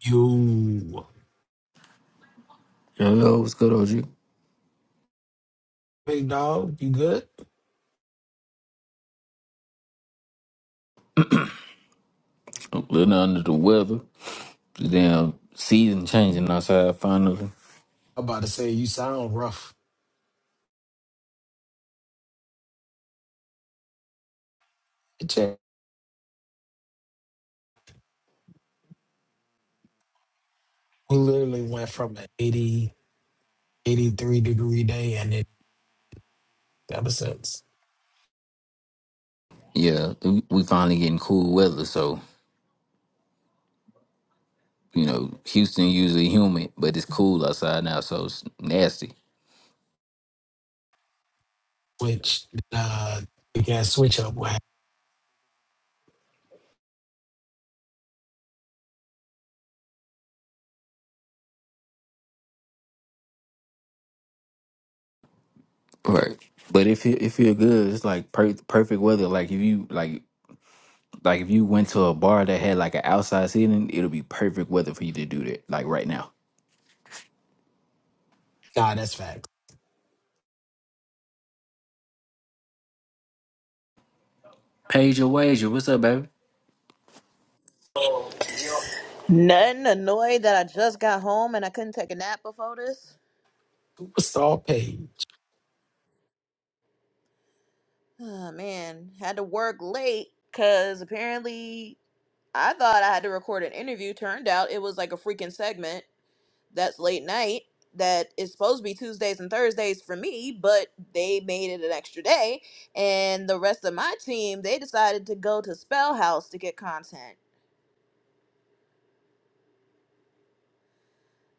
You Hello, what's good, OG? big dog, you good? am a little under the weather. The damn season changing outside finally. I'm about to say you sound rough. Check. We literally went from an eighty-eighty-three degree day and it ever since. Yeah, we we finally getting cool weather. So, you know, Houston usually humid, but it's cool outside now, so it's nasty. Which uh the gas switch up wow. Right. But if it, if you're good, it's like per- perfect weather. Like if you like like if you went to a bar that had like an outside seating, it'll be perfect weather for you to do that. Like right now. God, that's facts. Paige your wager. What's up, baby? Nothing annoyed that I just got home and I couldn't take a nap before this. all paid. Oh, man, had to work late because apparently I thought I had to record an interview. Turned out it was like a freaking segment that's late night that is supposed to be Tuesdays and Thursdays for me, but they made it an extra day. And the rest of my team, they decided to go to Spell House to get content.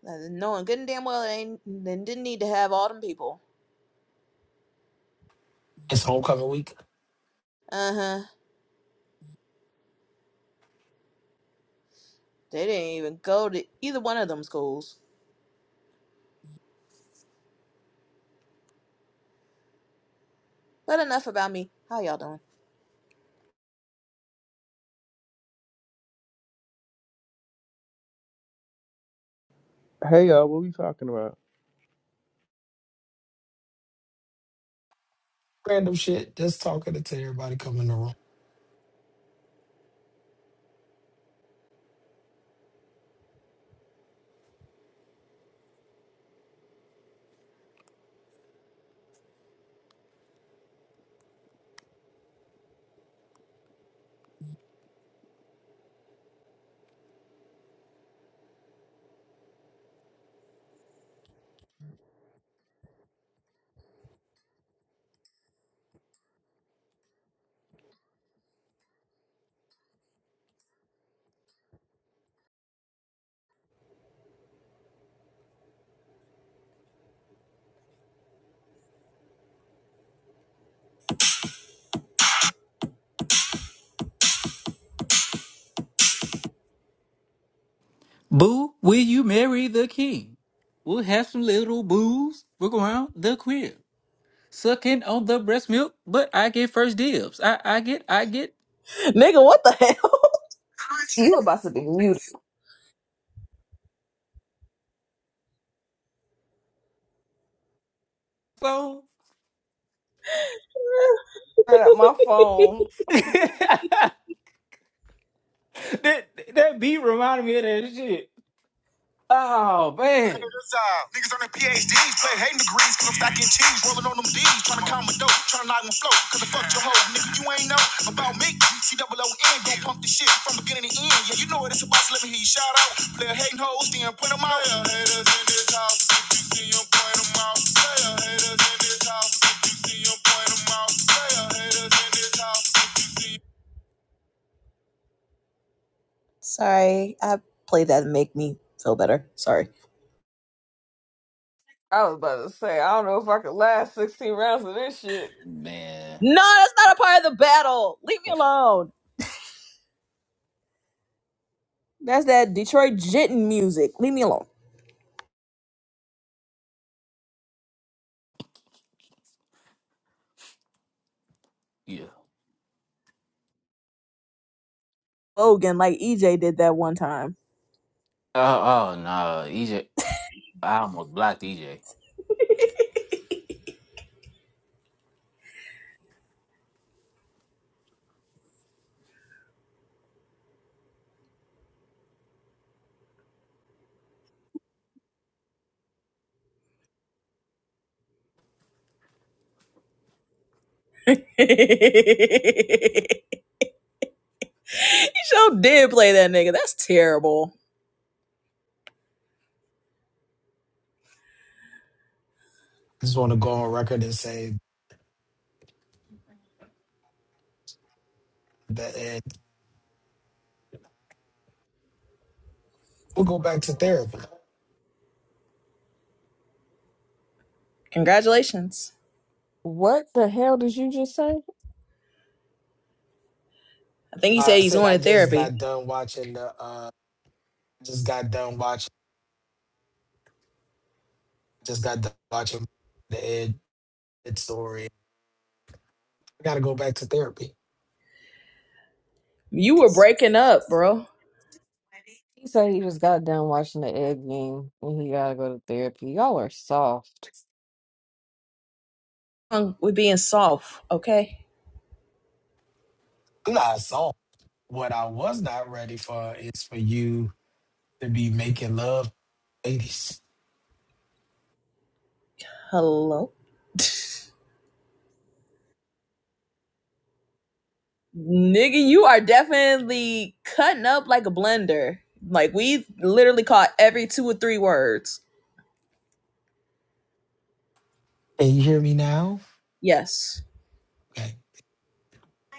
Uh, Knowing good and damn well they, they didn't need to have all them people. It's homecoming week. Uh huh. They didn't even go to either one of them schools. But enough about me. How y'all doing? Hey y'all, what we talking about? Random shit. Just talking to everybody coming in the room. Boo, will you marry the king? We'll have some little boos look around the crib. Sucking on the breast milk, but I get first dibs. I, I get, I get. Nigga, what the hell? You about to be muted. So. Turn up my phone. that, that beat reminded me of that shit. Oh, man. Niggas on their PhDs, play hating degrees, cause I'm stacking cheese, rolling on them D's, trying to calm a dope, trying to knock one flow, cause I fucked your hoe, nigga, you ain't know about me. C O O N, don't pump the shit from beginning to end, yeah, you know what it's about, so let me hear you shout out. Player hating hoes, then put them out. Player haters in this house, if you see 'em, point 'em out. Player haters in this house, if you see 'em, point 'em out. Player haters in this house, if you see Sorry, I played that to make me feel better. Sorry. I was about to say, I don't know if I could last 16 rounds of this shit. Man. No, that's not a part of the battle. Leave me alone. That's that Detroit jitting music. Leave me alone. Yeah. Logan, like EJ did that one time. Oh, oh no, EJ. I almost blocked EJ. he sure did play that nigga. That's terrible. I just want to go on record and say that and we'll go back to therapy. Congratulations. What the hell did you just say? I think he said Like I he's said going I to just therapy. got done watching the uh just got done watching just got done watching the Ed that story. I got to go back to therapy. You were breaking up, bro. He said he just got done watching the egg game and he gotta go to therapy. Y'all are soft. Um, We're being soft, okay? I'm not soft. What I was not ready for is for you to be making love, ladies. Hello? Nigga, you are definitely cutting up like a blender. Like we literally caught every two or three words. Can you hear me now? Yes. Okay.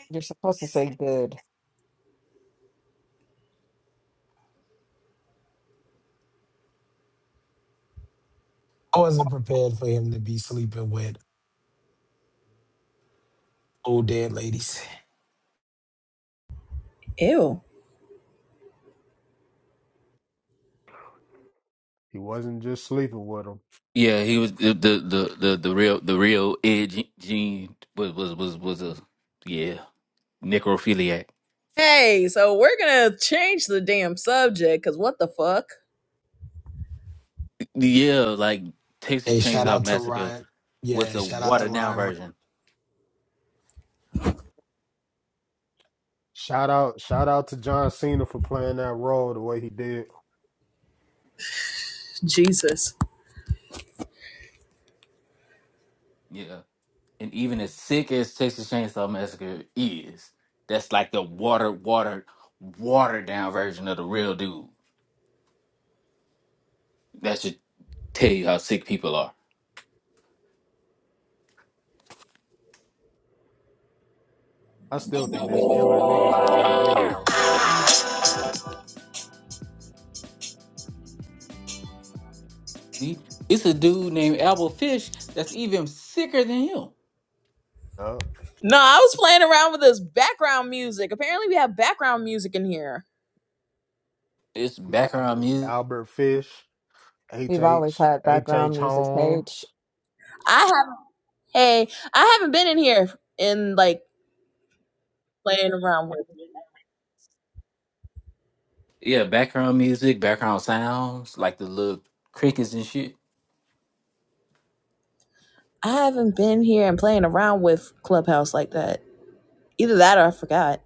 You're supposed to say good. I wasn't prepared for him to be sleeping with old dead ladies. Ew. He wasn't just sleeping with him. Yeah, he was the the the the, the real the real Ed Gene was was was was a yeah necrophiliac. Hey, so we're gonna change the damn subject because what the fuck? Yeah, like Texas Hey, shout Chainsaw out to Massacre Ryan. was Yeah, a shout out to watered down Ryan. version. Shout out, shout out to John Cena for playing that role the way he did. Jesus. Yeah. And even as sick as Texas Chainsaw Massacre is, that's like the watered, watered, watered down version of the real dude. That should tell you how sick people are. I still think there's iller niggas than Ed Gein though. See? It's a dude named Albert Fish that's even sicker than him. Yup. No, I was playing around with this background music. Apparently, we have background music in here. It's background Albert music. Albert Fish, H We've always H had H background H music page. Holmes. I have. Hey, I haven't been in here and like playing around with. it. Yeah, background music, background sounds, like the little crickets and shit. I haven't been here and playing around with Clubhouse like that. Either that or I forgot.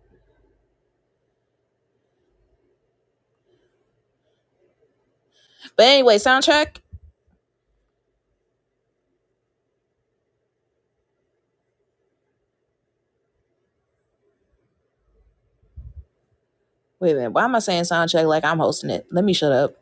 But anyway, soundtrack. Wait a minute. Why am I saying sound check like I'm hosting it? Let me shut up.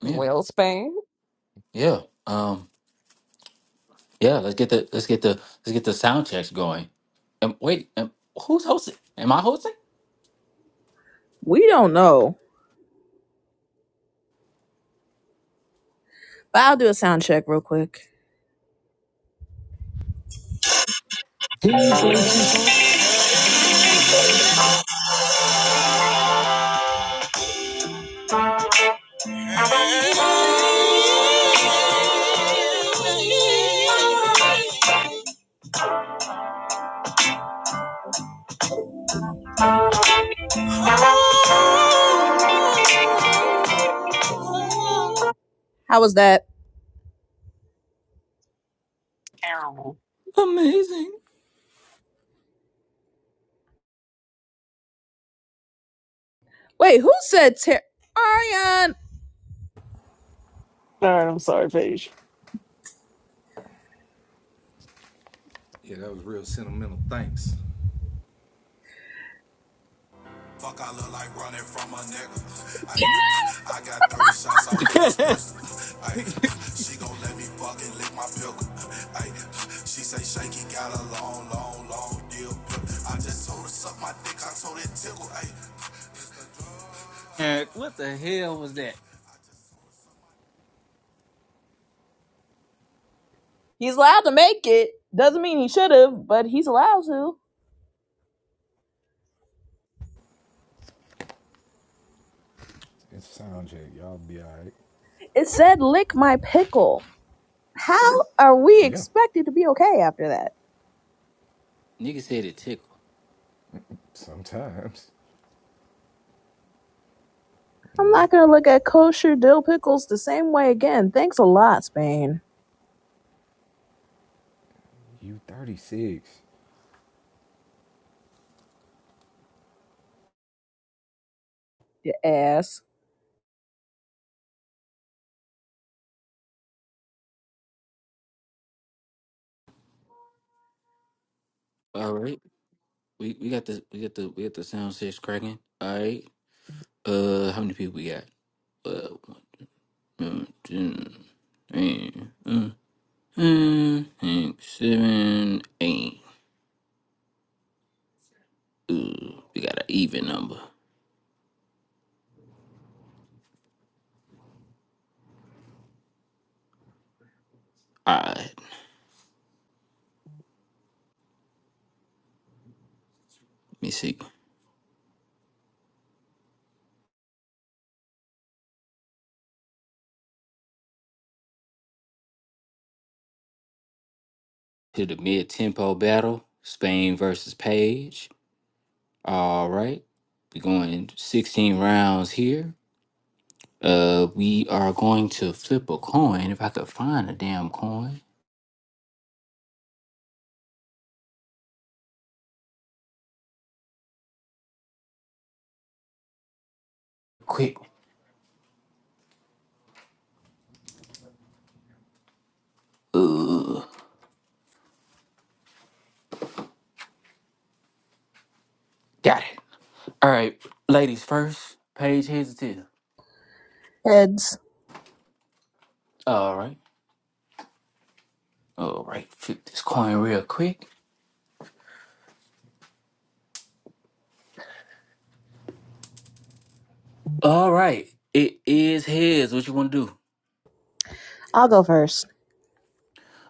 Yeah. Will Spain. Yeah. Um Yeah, let's get the let's get the let's get the sound checks going. And wait, and who's hosting? Am I hosting? We don't know. But I'll do a sound check real quick. Can you play two songs? How was that? terrible. Amazing. Wait, who said Ter- Arian? All right, I'm sorry, Paige. Man, what the hell was that? He's allowed to make it. Doesn't mean he should have, but he's allowed to. It said lick my pickle. How are we expected to be okay after that? Nigga said it tickle. I'm not gonna look at kosher dill pickles the same way again. Thanks a lot, Spain. Your ass. All right, we we got the we got the we got the sound checks cracking. All right. Uh, how many people we got? Uh, one, two, three, uh, uh, uh, six, seven, eight. Uh, we got an even number. All right. Let me see. to the mid tempo battle, Spain versus Page. All right, we're going 16 rounds here. Uh, we are going to flip a coin if I could find a damn coin. Quick, got it. All right, ladies first. Page heads or tails. Heads. All right, all right. Flip this coin real quick. All right, it is heads. What you want to do? I'll go first.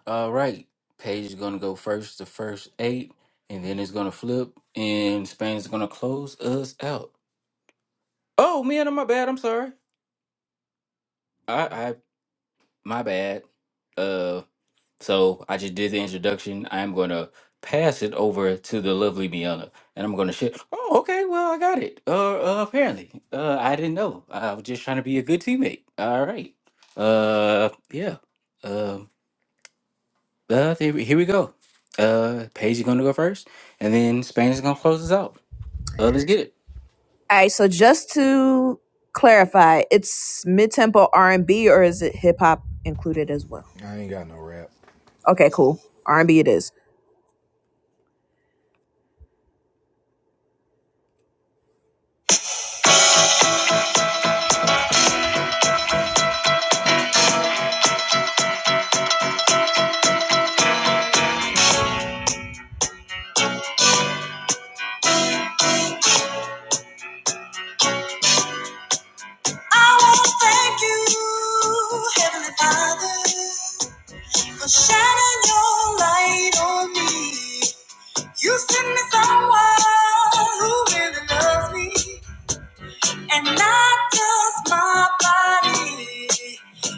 All right, Page is gonna go first. The first eight, and then it's gonna flip, and Spain is gonna close us out. Oh, man, my bad. I'm sorry. I, I, my bad. Uh, so I just did the introduction. I'm gonna pass it over to the lovely Miana, and I'm gonna share. Oh, okay. Well, I got it. Uh, uh apparently, uh, I didn't know. I was just trying to be a good teammate. All right. Uh, yeah. Um, uh, here, we- here we go. Uh, Paige is gonna go first, and then Spain is gonna close us out. Uh, let's get it. Alright, so just to clarify, it's mid tempo R and B or is it hip hop included as well? Okay, cool. R and B it is. I wanna thank you, Heavenly Father, for shining your light on me. You sent me someone who really loves me. and not just my body.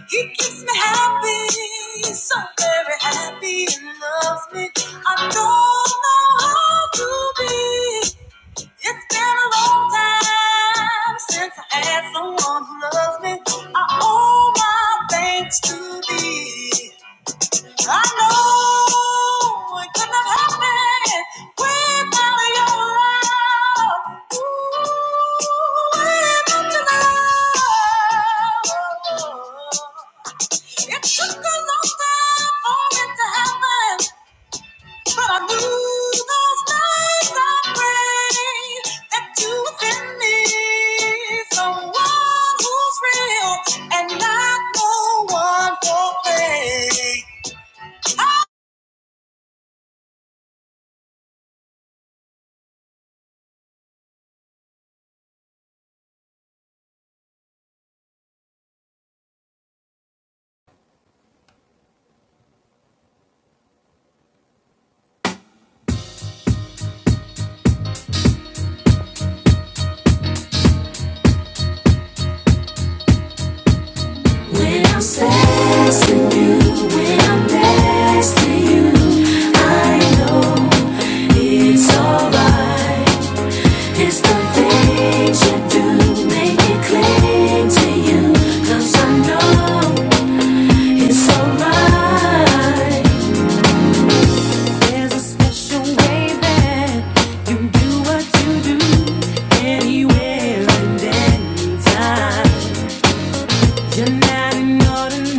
He keeps me happy, so very happy, and loves me. I don't know how to be. It's been a long time since I had someone who loves me. I owe my thanks to thee. I know it couldn't have happened without your love. Ooh, without your love. It took a long time for it to happen, but I knew those nights I prayed that you was in me, someone who's real and not no one for play. When I'm next to you, when I'm next to you, I know it's alright. It's the things you do make me cling to you, 'cause I know it's alright. There's a special way that you do what you do anywhere and anytime. You're me to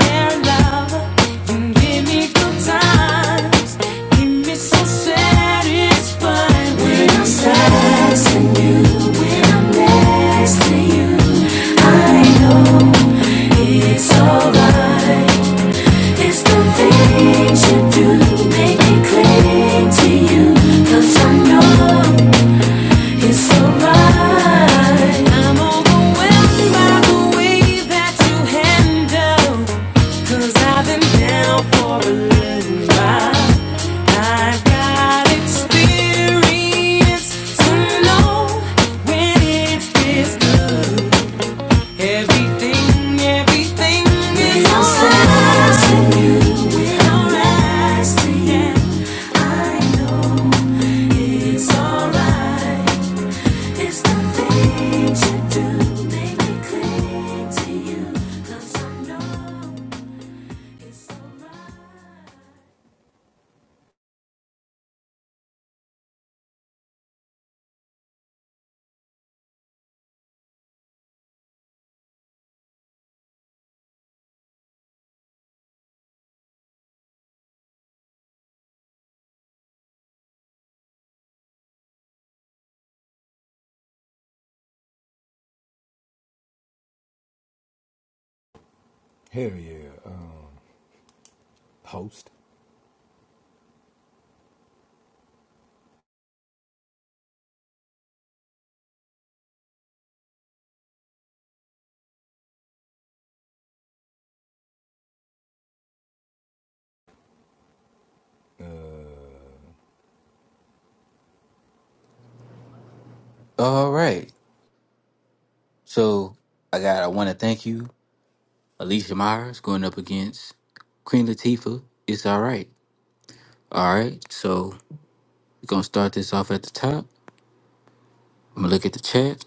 things you do make me cling to you, 'cause I know it's alright. I'm overwhelmed by the way that you handle. i I've been down for a little while. I've got experience to know when it feels good. Everything, everything is alright. to you. It's alright. to you. I know it's alright. It's The things you do make me cling to you, 'cause I know it's alright. All right. So I got. I want to thank you Alicia Myers going up against Queen Latifah. It's all right. All right. So we're going to start this off at the top. I'm going to look at the chat.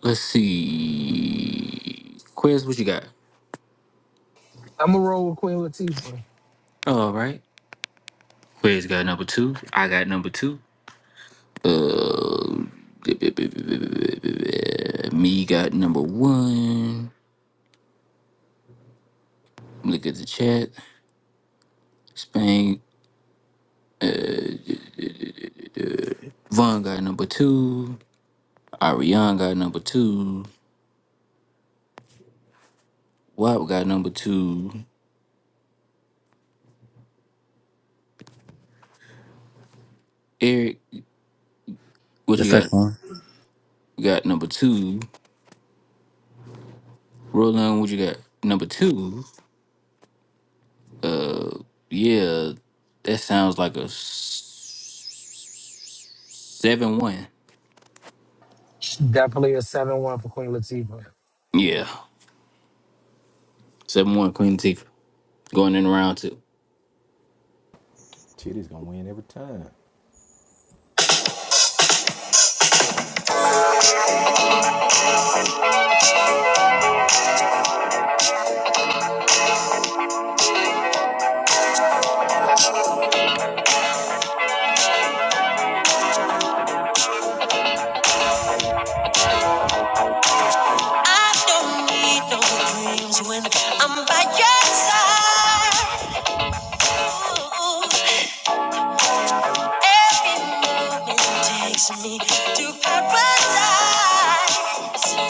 Let's see. Quiz, what you got? I'm going to roll with Queen Latifah. All right. Quiz got number two. I got number two. Uh, me got number one. Look at the chat. Spain. Von got number two. Ariane got number two. Wap got number two. Eric, what The you got? second one. We got number two. Roland, what you got? Number two, uh, yeah, that sounds like a seven one. Definitely a 7 1 for Queen Latifah. Yeah, seven one. Queen Latifah going in round two. I don't need no dreams when I'm by your side. Ooh, every moment takes me to paradise.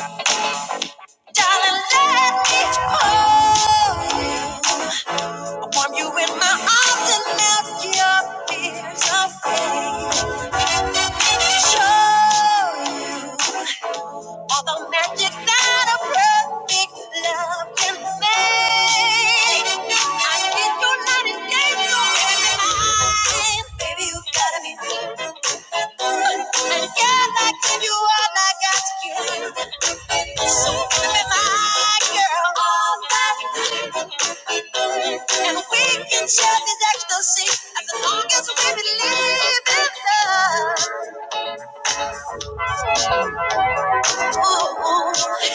Darling, let me hold you. I warm you in my arms and melt your fears away. Show you. All the magic that a perfect love can make. I need your night and day so every night. Baby, you gotta be mine. And girl, I give you all I got to give. So you be my girl all night. And we can share this ecstasy as long as we believe in love. Ooh.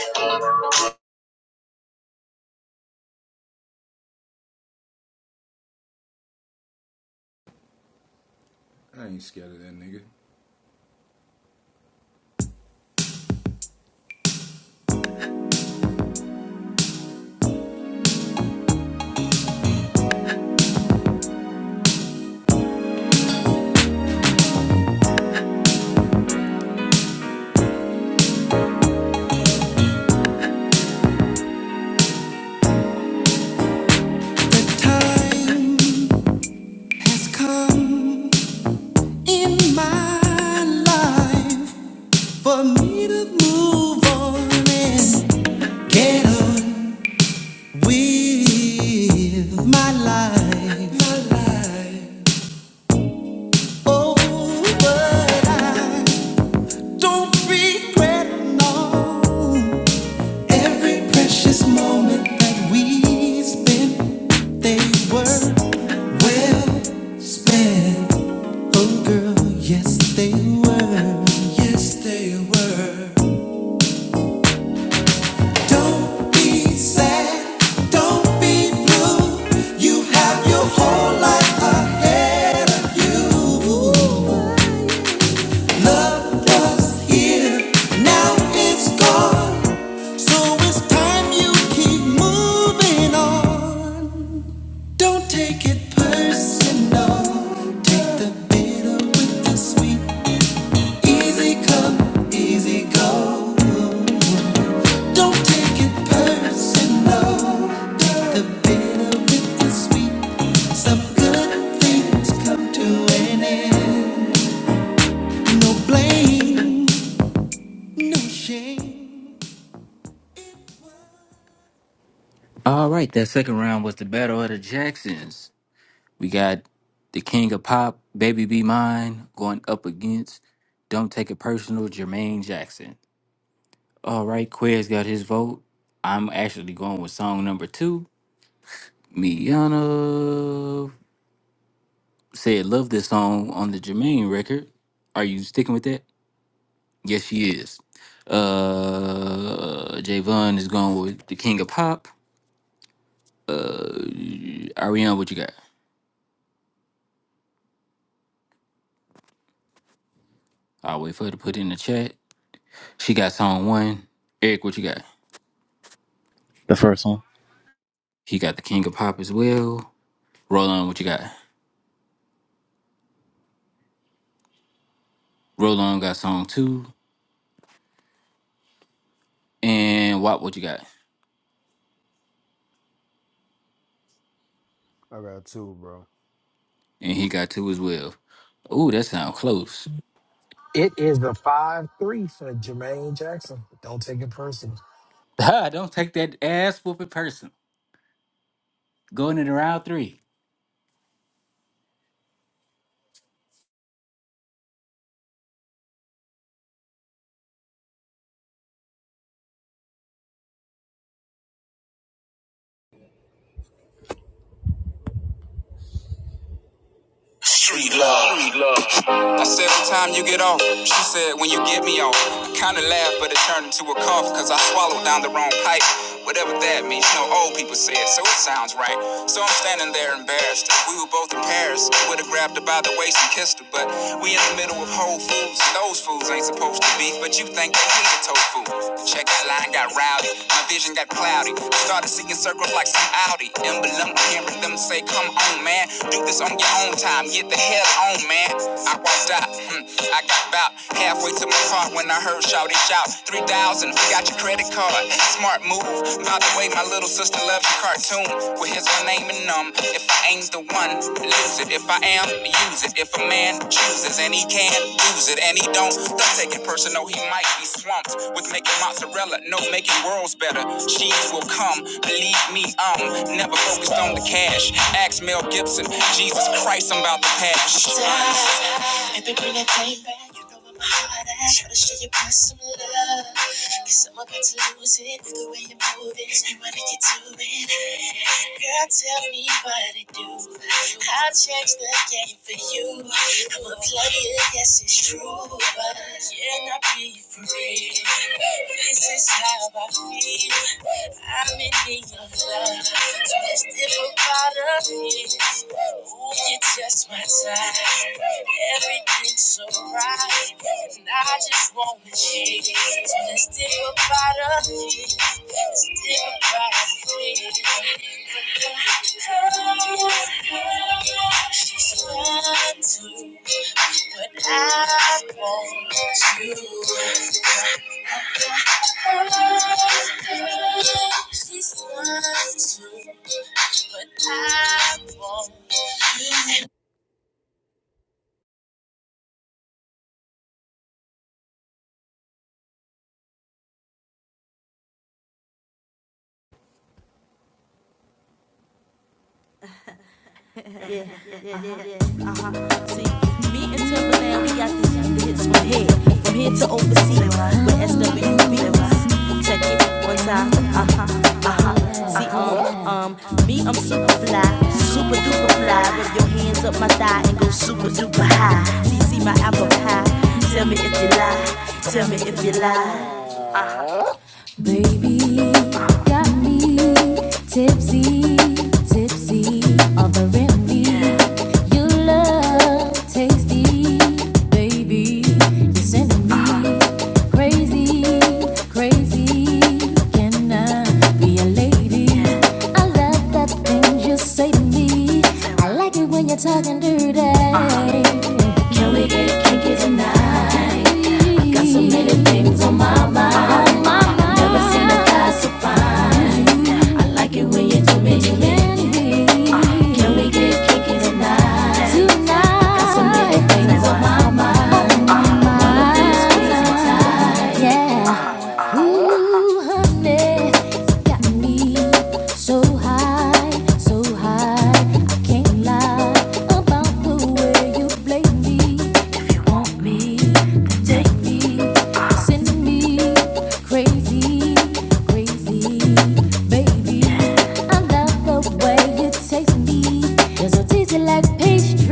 The time has come in my life for me to move on and get on. with my life. My life. Oh, but I don't regret no. Every precious moment that we spent, they were well spent. Oh, girl, yes, they were. Yes, they were. Don't be sad, don't be blue. You have your whole life ahead of you. Love was here, now it's gone. So it's time you keep moving on. Don't take it personal. Take the bitter with the sweet. Easy come, easy go. Don't take it personal. The bitter with the sweet. Some good things come to an end. No blame, no shame. All right, that second round was the battle of the Jacksons. We got the King of Pop, Baby Be Mine, going up against Don't Take It Personal, Jermaine Jackson. All right, Quez got his vote. I'm actually going with song number two, Miana said love this song on the Jermaine record. Are you sticking with that? Yes, she is. Uh, Javon is going with the King of Pop. Ariana, what you got? I'll wait for her to put it in the chat. She got song one. Eric, what you got? The first one. He got the King of Pop as well. Roland, what you got? Roland got song two. And Wop, what you got? I got two, bro. And he got two as well. Ooh, that sound close. It is the 5 3 for Jermaine Jackson. Don't take it personal. Don't take that ass whooping person. Going into round three. Street love. I said the time you get off. She said when you get me off. I kinda laughed, but it turned into a cough, cause I swallowed down the wrong pipe. Whatever that means, you know old people say it, so it sounds right. So I'm standing there embarrassed. If we were both in Paris, I would've grabbed her by the waist and kissed her. But we in the middle of Whole Foods, and those fools ain't supposed to beef, but you think they need a tofu. Check out line got rowdy, my vision got cloudy. I started seeing circles like some Audi. Emblem, hearing them say, come on, man, do this on on on time. Get the hell on, man. I walked out. Hmm, I got about halfway to my car when I heard shouty shout. 3,000, forgot your credit card. Smart move. By the way, my little sister loves your cartoon. Well, here's my name and um. If I ain't the one, lose it. If I am, use it. If a man chooses and he can lose it and he don't, don't take it personal. He might be swamped with making mozzarella. No, making worlds better. Cheese will come. Believe me, um. Never go focused on the cash. Ask Mel Gibson, Jesus Christ, I'm about to pass. Baby, bring that thing back. You know I'm hot. Try to show your boss some love. Cause I'm about to lose it with the way you're moving. You wanna get to it. Girl, tell me what it do. I'll change the game for you. I'm a player, yes, it's true. But can I be free? This is how I feel. I'm in need of love. Just different product. Ooh, you're just my type. Everything's so right. And I just want to change. So let's dig about us. Let's dig about us. She's fine too. But I want you. me and Timberland, we got the, the hits from here, from here to overseas. WV, check it one time. Uh huh. Me, I'm super fly, super duper fly. Rub your hands up my thigh and go super duper high. DC my apple pie. Tell me if you lie, tell me if you lie. Baby, got me tipsy, tipsy on the remedy. You love tasty, baby. You're sending me crazy, crazy. Can I be a lady? I love that thing you say to me. I like it when you're talking dirty. Can we get? Got so many. Never seen a guy say when you do me, do me. Tonight. Got some everything on the beach. Yeah. Ooh, honey, you got me so high, so high. I can't lie about the way you play me. If you want me, take me, send me crazy, crazy, baby. I love the way you taste me. You're so tasty like pastry.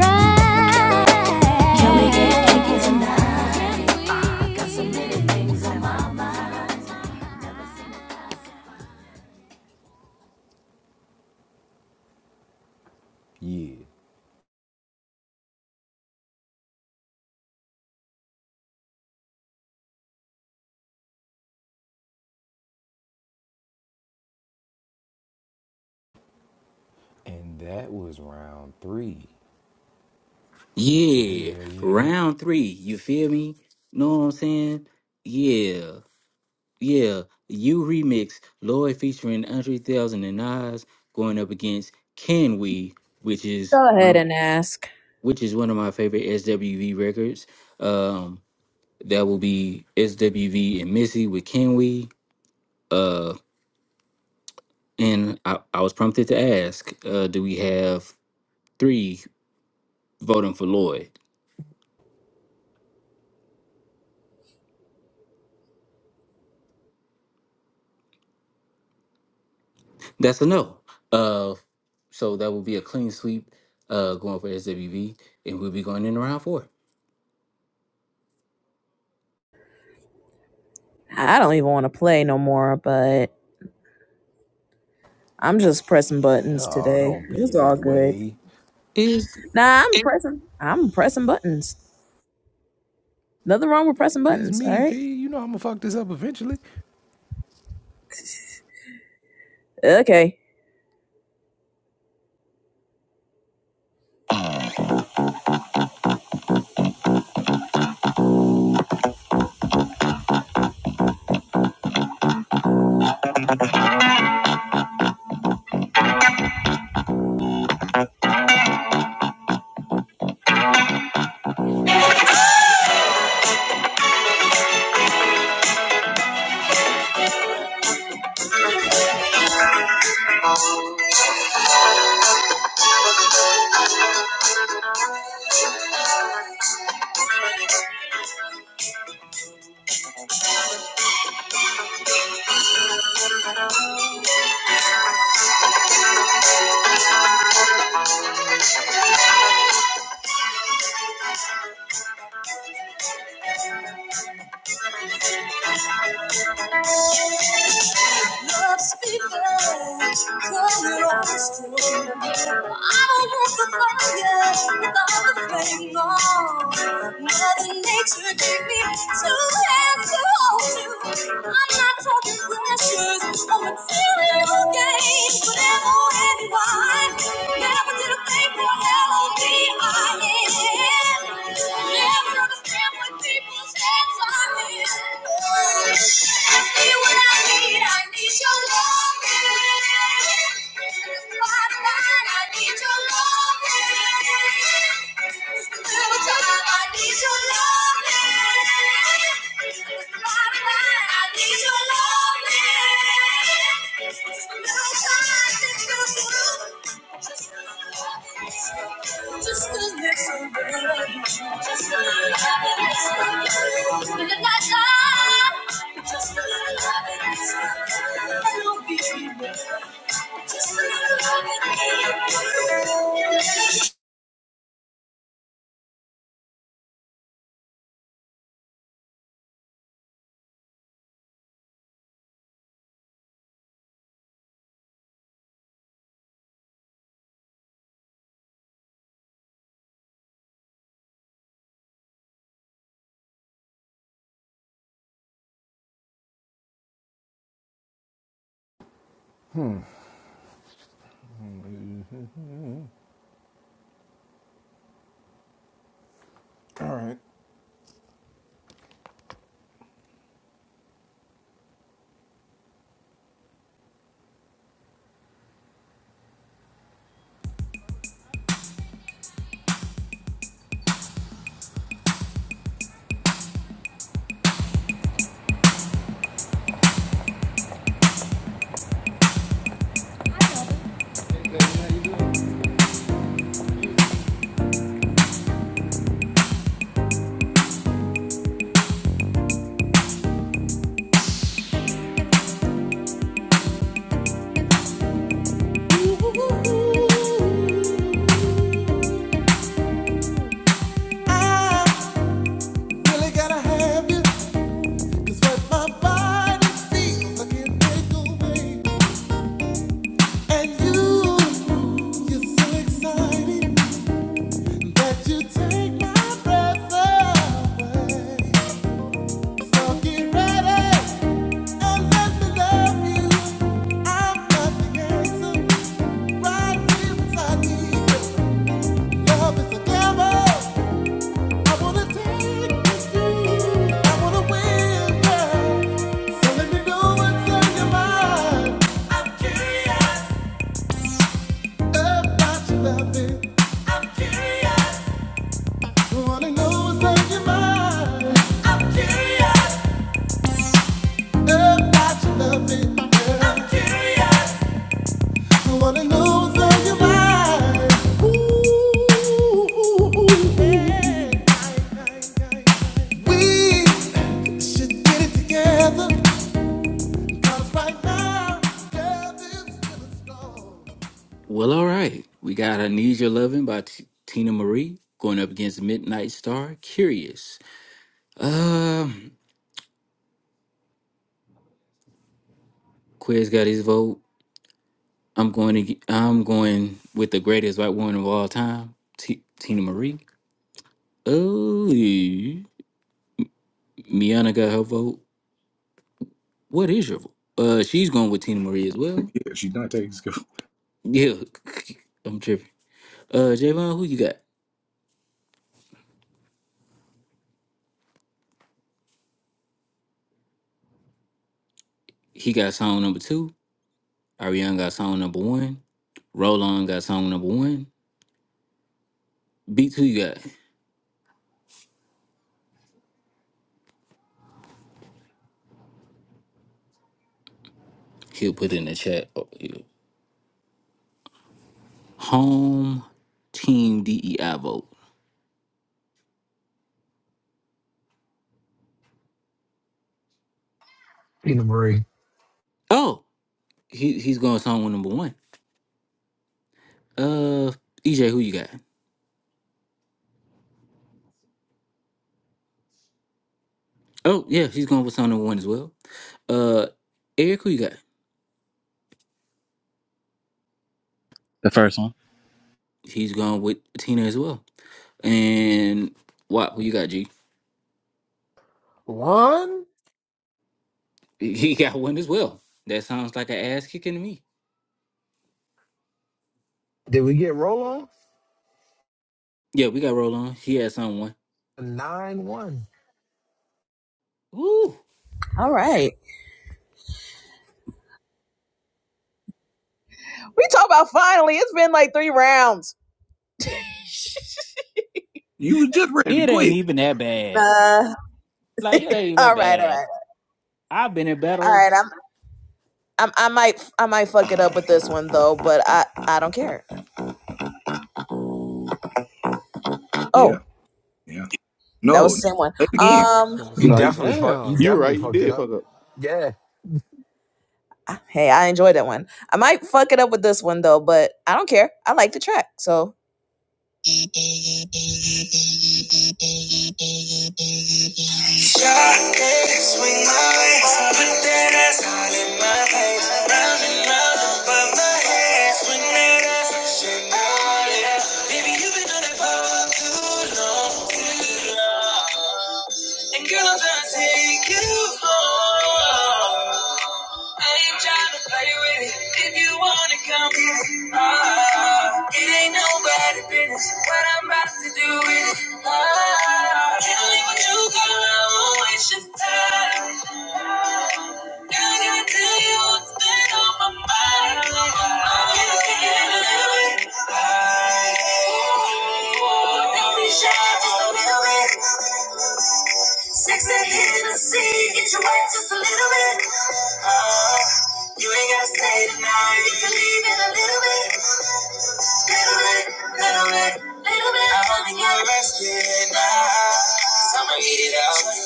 Can we get kinky tonight? Yeah, round three. You feel me? Know what I'm saying? Yeah, yeah. You remix Lloyd featuring Andre Thousand and Nas going up against Can We, which is Go one ahead of and ask. which is one of my favorite SWV records. Um, that will be SWV and Missy with Can We. Uh, and I, I was prompted to ask, uh, do we have three voting for Lloyd? That's a no. Uh, so that will be a clean sweep uh, going for SWV, and we'll be going into round four. I don't even want to play no more, but I'm just pressing buttons today. It's all good. Is Nah, I'm pressing. I'm pressing buttons. Nothing wrong with pressing buttons. All right. Okay. Love speakers, coming on the screen. I don't want the fire without the flame on. Mother Nature gave me two hands to hold you. I'm not talking pressures or material gains, but ever and why. Never did a thing for ever. I need your love. I need your love. I need just to let somebody love you. Just to let somebody love Just to let somebody love you. Just to let somebody Ooh, ooh, ooh. Ah, Really gotta have you. what my body feels. I can't take away. And you, you're so exciting that you take my breath away. So get ready and let me love you. I've got the answer right here inside me. Love is a gamble. I wanna take you. I wanna win, girl. So let me know what's on your mind I'm curious, about your loving. I'm curious, Wanna know what's on your mind I'm curious, about your loving. I'm Yeah. curious, Wanna know what's on your mind. Ooh, yeah. We should get it together. 'Cause right now, love is feeling strong. well, all right. We got "I Need Your Loving" by T- Tina Marie going up against Midnight Star. Curious. Um, Quiz got his vote. I'm going to. Get, I'm going with the greatest white woman of all time, T- Tina Marie. Oh, Miana got her vote. What is your vote? Uh, she's going with Tina Marie as well. Yeah, I'm tripping. Uh, Javon, who you got? He got song number two. Ariana got song number one. Roland got song number one. Beats, who you got? He'll put in the chat. Oh, yeah. Home team DEI vote. Tina Marie. Oh, he he's going song number one. Uh, EJ, who you got? Oh yeah, he's going with song number one as well. Uh, Eric, who you got? The first one. He's going with Tina as well. And what? Who you got? G? One. He he got one as well. That sounds like an ass kicking to me. Did we get roll on? Yeah, we got Roll on. He had song one. Nine one. Ooh, All right. We talk about finally. It's been like three rounds. it ain't even that bad. Uh, Like it ain't even that all right, all bad. right. I've been in All battles. right. I'm I, I might I might fuck it up with this one though, but I I don't care. Oh, that was the same one. I was Um, gonna You No, say, you, definitely fuck. You you damn, were definitely right. You fucked it did up. fuck up. Yeah. hey, I enjoyed that one. I might fuck it up with this one though, but I don't care. I like the track, so. eh, I ain't trying to play with it. If you wanna come get it, ah, it ain't nobody's business. What I'm about to do with it, ah, can't leave with you, girl. I won't waste your time. Now I gotta tell you what's been on my mind. I'm just thinking a little bit. Don't be shy, just a little bit. Sex and Hennessy, get you wet just a little bit. You ain't gotta stay tonight. You can leave in a little bit. Little bit, little bit, little bit. I hope you get rest now. 'Cause I'ma eat it up.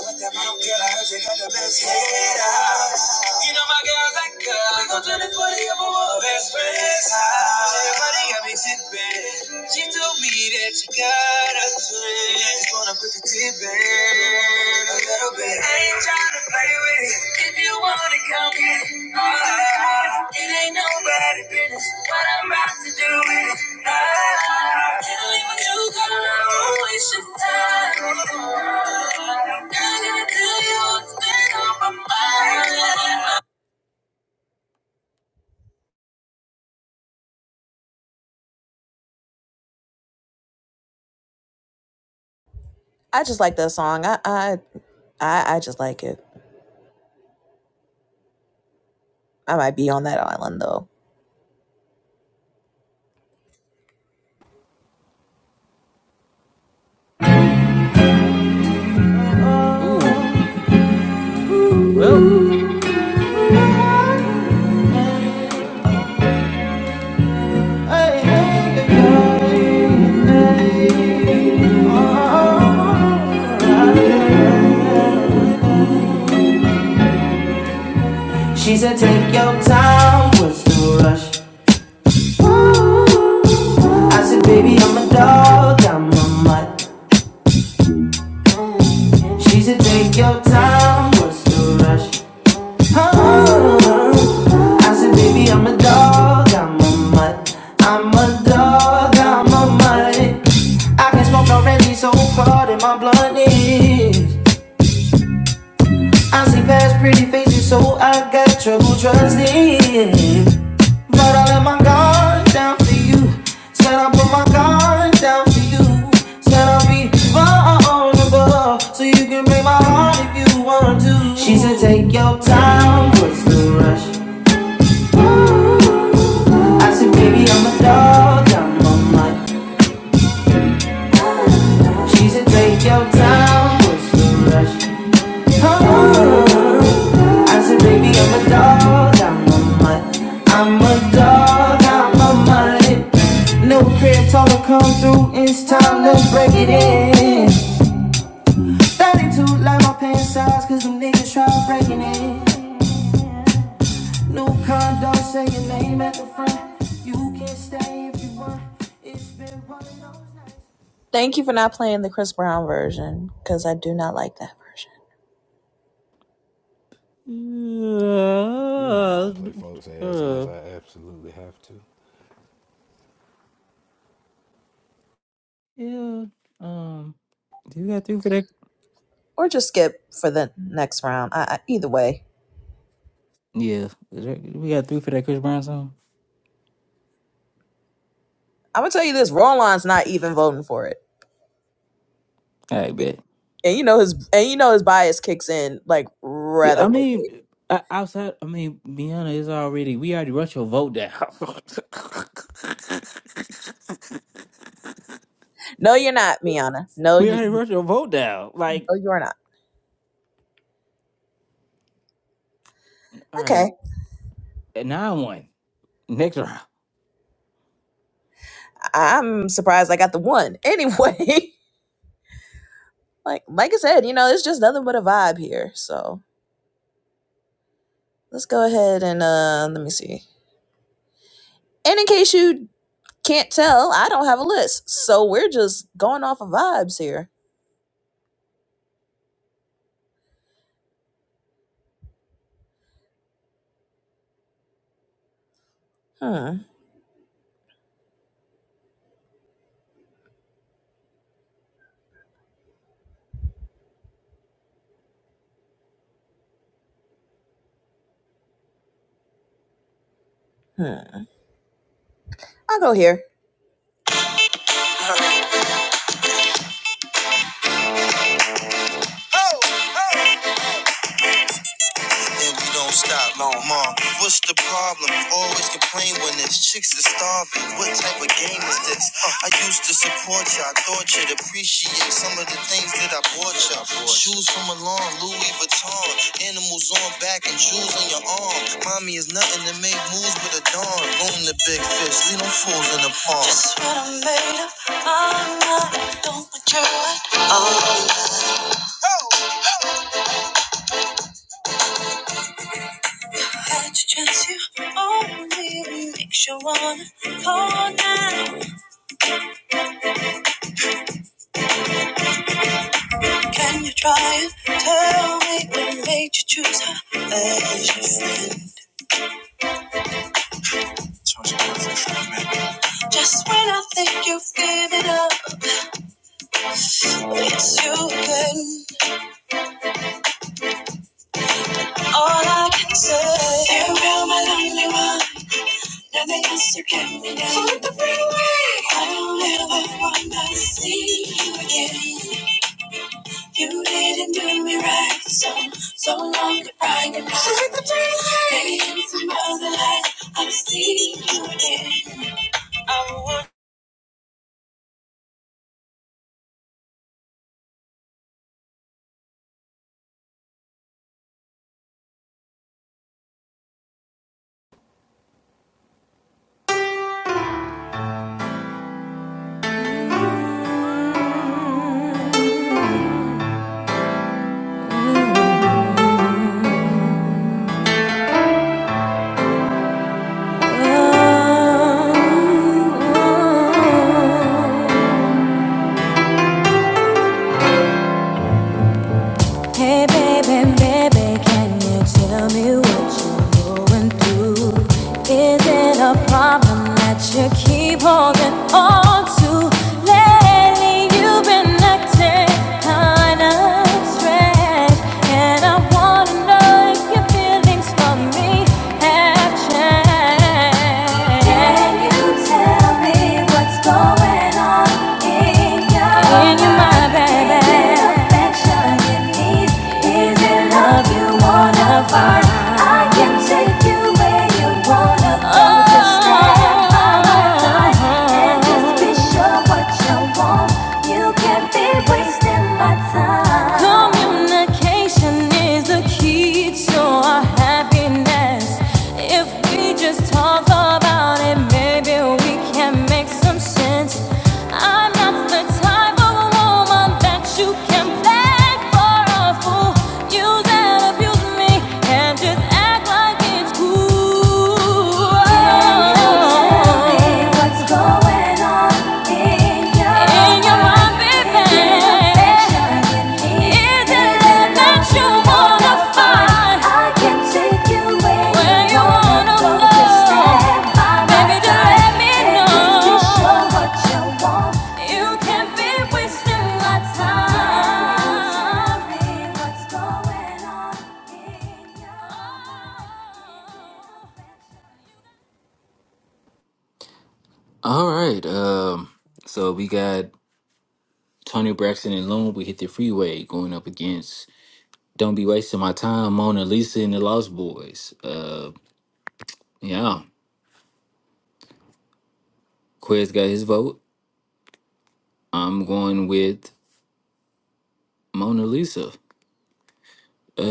get out. All my girls like, girl, we gon' turn this party up a war. Best friends. Everybody got me. She too bitch, you got to a little bit. I ain't trying to play with it. If you wanna come get it, ah, it ain't nobody business. What I'm about to do with it, ah, can't leave with you, girl. I won't waste your time. Not gonna tell you what's been on my mind. I just like that song. I, I I I just like it. I might be on that island though. Oh. Ooh, well, She said, take your time, what's the rush? I said, baby, I'm a dog, I'm a mutt. She said, take your time, what's the rush? I said, baby, I'm a dog, I'm a mutt. I'm a dog, I'm a mutt. I can smoke already, so hard in my blunt is. I see past pretty faces, so I got trouble trusting. But I let my guard down for you. Said I put my guard down for you. Said I'll be vulnerable, so you can break my heart if you want to. She said, take your time, what's the rush? I said, baby, I'm a dog, I'm on my dog. She said, take your time, what's the rush? Oh, I said, baby, I'm a dog, I'm on my I'm a dog, I'm on my No crib, told her come through, it's time to break it in. 32, like my pants size, cause them niggas try breaking it. New condo, say your name at the front. You can stay if you want. It's been one of those nights. Thank you for not playing the Chris Brown version because I do not like that version. uh, uh, yeah. Um, you got three for that? or just skip for the next round. I, I, either way, Yeah, is that- we got three for that Chris Brown song. I'm gonna tell you this: Roland's not even voting for it, I bet. and you know his and you know his bias kicks in like Yeah, rather I quickly. mean, o- outside. I mean, Bianca is already. We already rushed your vote down. No, you're not, Miana. No, we you already rushed your vote down. Like, no, you're not. all right, Okay, nine one next round. I- am surprised I got the one anyway. like like I said, you know, it's just nothing but a vibe here. So let's go ahead and uh let me see. And in case you can't tell, I don't have a list, so we're just going off of vibes here. Hmm. hmm. I'll go here. Complain when there's chicks that starving. What type of game is this? Uh, I used to support you. all thought you'd appreciate some of the things that I bought you. all Shoes from Milan, Louis Vuitton. Animals on back and jewels on your arm. Mommy is nothing to make moves with a dawn. Boom the big fish. Leave them fools in the pond. Just what I made up my mind. Don't want your right. Had to chance you only. Make sure wanna call now. Can you try and tell me what made you choose her as your friend? Just when I think you've given up, it's you again. All I can say, farewell, my lonely one. Nothing else you can be done. On the freeway, I don't ever want to see you again. You didn't do me right, so so long goodbye, goodbye. On the freeway, maybe in some other life I'll see you again. I would Oh, oh, oh. Hey baby, baby, can you tell me what you're going through? Is it a problem that you keep holding on to? Lately you've been acting kinda strange, and I wanna know if your feelings for me have changed. Can you tell me what's going on in your, in your mind, baby? affection? Is it love you wanna find? I do wait, don't just stand by my side. And just be sure you can't be wasting my Communication is the key to our happiness. If we just talk about it, maybe we can make some sense. I'm not the type of woman that you can play for a fool. Use and abuse me and just act like it's cool. Wasting my time. Tell me what's going on. All right. Um, so we got Tony Braxton and Loon. We hit the freeway going up against Don't Be Wasting My Time, Mona Lisa and the Lost Boys. Uh, yeah. Quez got his vote. I'm going with Mona Lisa. Uh,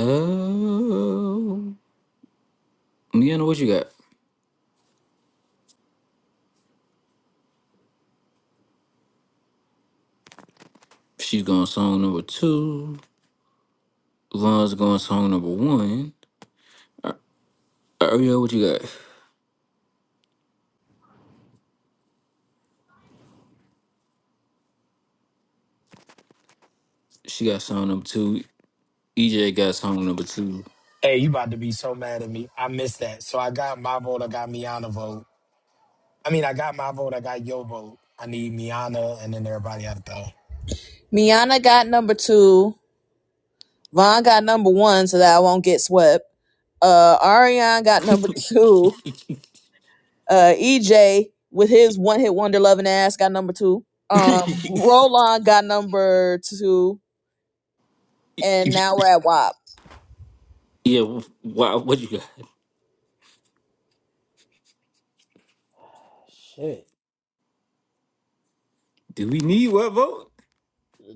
Miana, what you got? She's going song number two. Lon's going song number one. Ariel, what you got? She got song number two. EJ got song number two. Hey, you about to be so mad at me. I missed that. So I got my vote. I got Miana vote. I mean, I got my vote. I got your vote. I need Miana, and then everybody out though. Miana got number two. Vaughn got number one, so that I won't get swept. Uh, Ariane got number two. Uh, EJ with his one hit wonder loving ass got number two. Um, Roland got number two, and now we're at WAP. Yeah, wh- why, what you got? shit. Do we need one vote?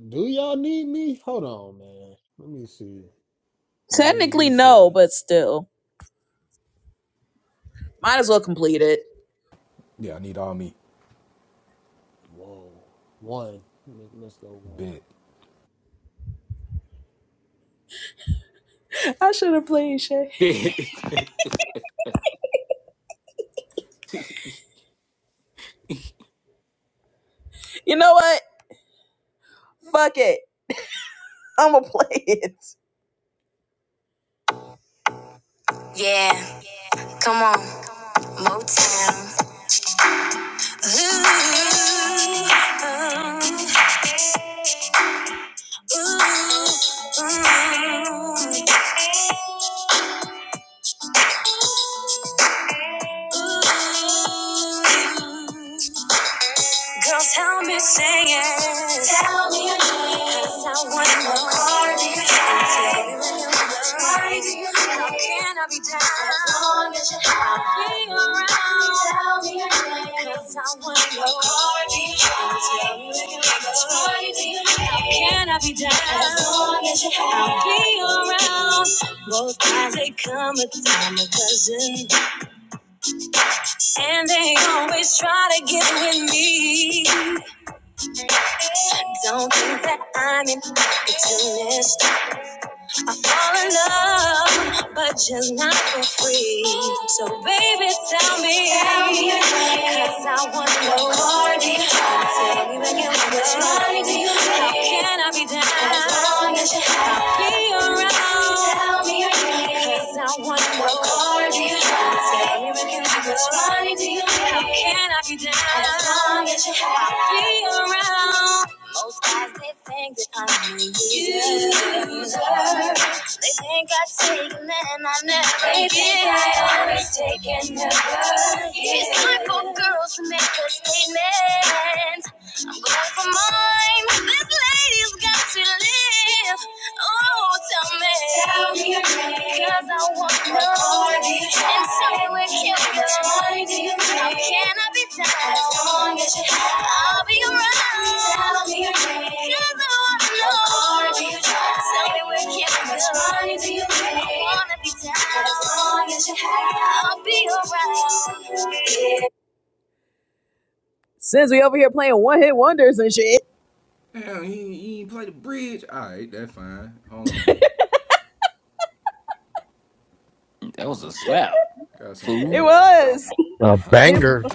Do y'all need me? Hold on, man. Let me see. Mona Technically, Lisa. no, but still, might as well complete it. Whoa. One. Let's go one. that You know what? Fuck it. I'm gonna play it. Yeah, come on, Motown. Ooh, ooh. Ooh, ooh, ooh. Girl, tell me singing. Tell me your name. 'Cause I wanna know. Why do you care? tell me when you're Why do you care? How can I be down? As long as you have me around. Tell me your name. 'Cause I wanna know. Why do you care? tell me when you're Why do you care? How can I be down? As long as you have me around. Both times they come a time a dozen, and they always try to get with me. Don't think that I'm in it to this. All in love, but just not for free. So baby, tell me, tell me cause I want no party. Tell me again, which money do you need? How can I be down? As long as you have be around. Tell me cause I want no party. Tell me again, which money do you need? How can I be down? As long as you have be around. Most guys they think that I'm a user. They think I take a man I never They think I always take and never give. She's looking for girls to make a statement. I'm going for mine. This lady's got to live. Oh, tell me. Tell me your name. 'cause I want to know. And tell me where can we go. How can I be down? As long as you have. I'll be around. Tell me your name, 'cause I want to know. Tell me where can I go? money do you make? I wanna be down. As long as you have, I'll be around. was a slap, fool. A banger.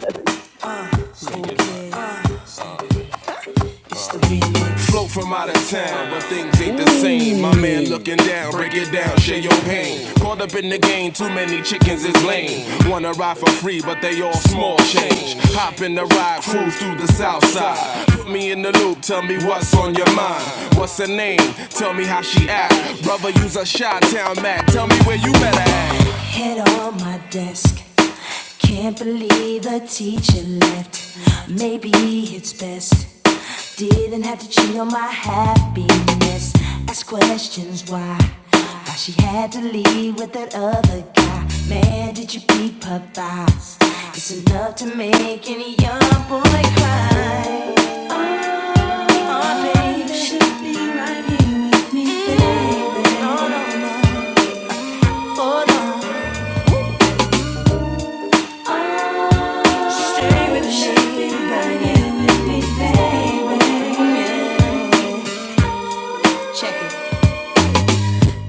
Float from out of town, but things ain't the same. My man looking Ooh. down, break it down, share your pain. Caught up in the game, too many chickens is lame. Wanna ride for free, but they all small change. Hop in the ride, cruise through the south side. Put me in the loop, tell me what's on your mind. What's her name? Tell me how she act. Brother, use a shot town Mac. Tell me where you better at. Head on my desk, Can't believe the teacher left. Maybe it's best. Didn't have to cheat on my happiness. Ask questions why. Why she had to leave with that other guy. Man, did you peep her thighs? It's enough to make any young boy cry. Oh, baby. You should be right here with me, baby. No, no, no. oh no. Stay with me, right here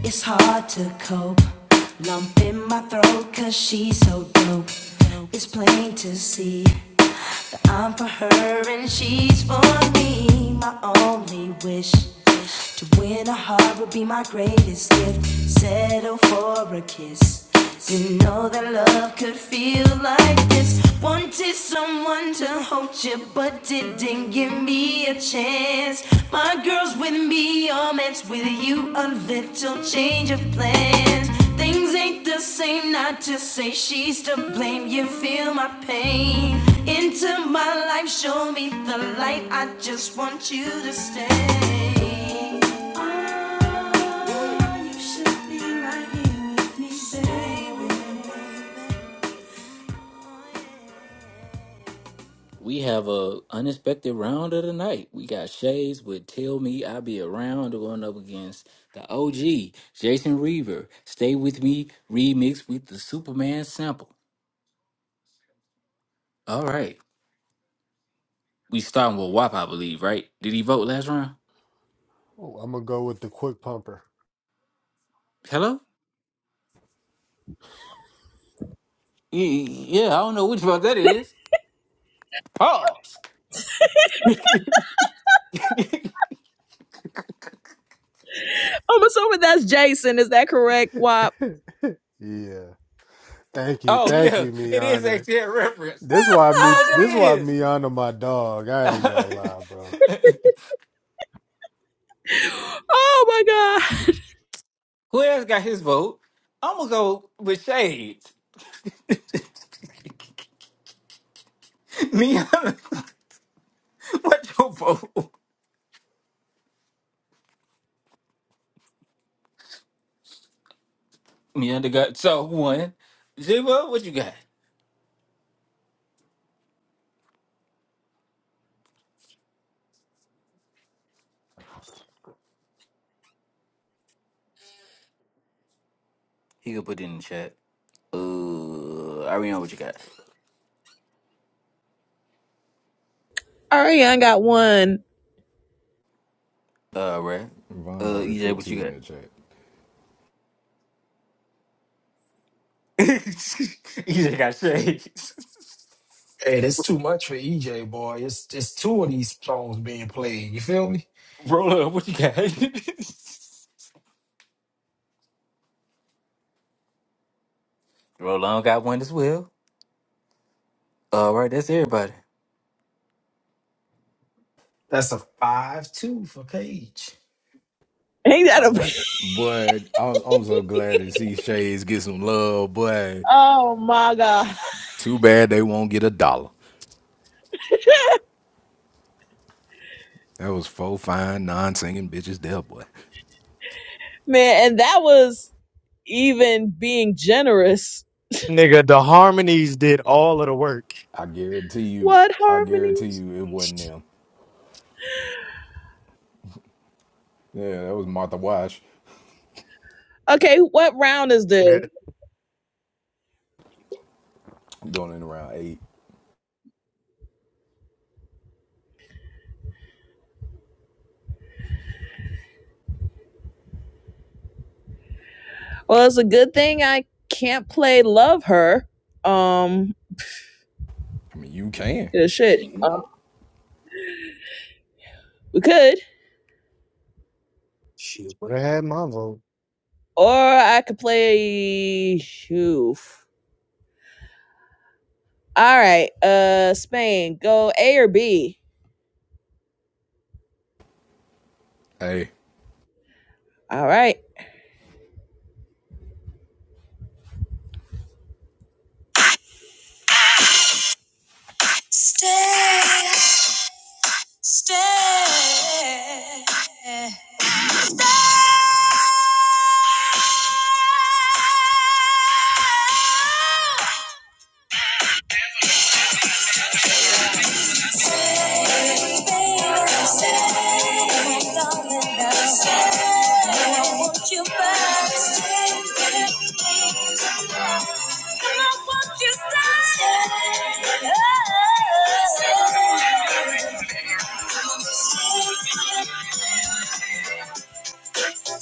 It's hard to cope. Lump in my throat, cause she's so dope. It's plain to see that I'm for her and she's for me. My only wish to win a heart would be my greatest gift. Settle for a kiss. You know that love could feel like this. Wanted someone to hold you, but didn't give me a chance. My girl's with me, all man's with you. A little change of plans. Things ain't the same, not to say she's to blame. You feel my pain. Into my life, show me the light. I just want you to stay. Ah, you should We have a unexpected round of the night. We got Shays with Tell Me I Be Around going up against the OG, Jason Reaver. Stay With Me remix with the Superman sample. All right. We starting with WAP, I believe, right? Did he vote last round? Oh, I'm gonna go with the quick pumper. Hello? Y- Yeah, I don't know which vote that is. Pause. I'm assuming that's Jason. Is that correct, Wop? Yeah. Thank you. Oh Thank yeah, you, it is Miana. actually a reference. This why me Oh, that this why is. Miana my dog. I ain't gonna lie, bro. God. Who else got his vote? I'm gonna go with Shades. Mianda, what your vote? Mianda got so one. Zero, what you got? He could put it in the chat. Uh, Ariana, what you got? Ariana got one. Uh, Red. Uh, EJ, what you got? EJ got Shades. Hey, that's too much for EJ boy. It's it's two of these songs being played. You feel me? Roll up, what you got? Roll on got one as well. All right, that's everybody. That's a five two for Paige. Ain't that All right. a but I'm, I'm so glad to see Shades get some love. But Oh my god. two Man, and that was even being generous. Nigga, the harmonies did all of the work. What harmonies? Okay, what round is this? Man, Well, it's a good thing I can't play Love Her. Um, shit. We could. shit, would have had my vote. Or I could play. Oof. All right. Uh, Spain, go A or B. All right. Stay, stay.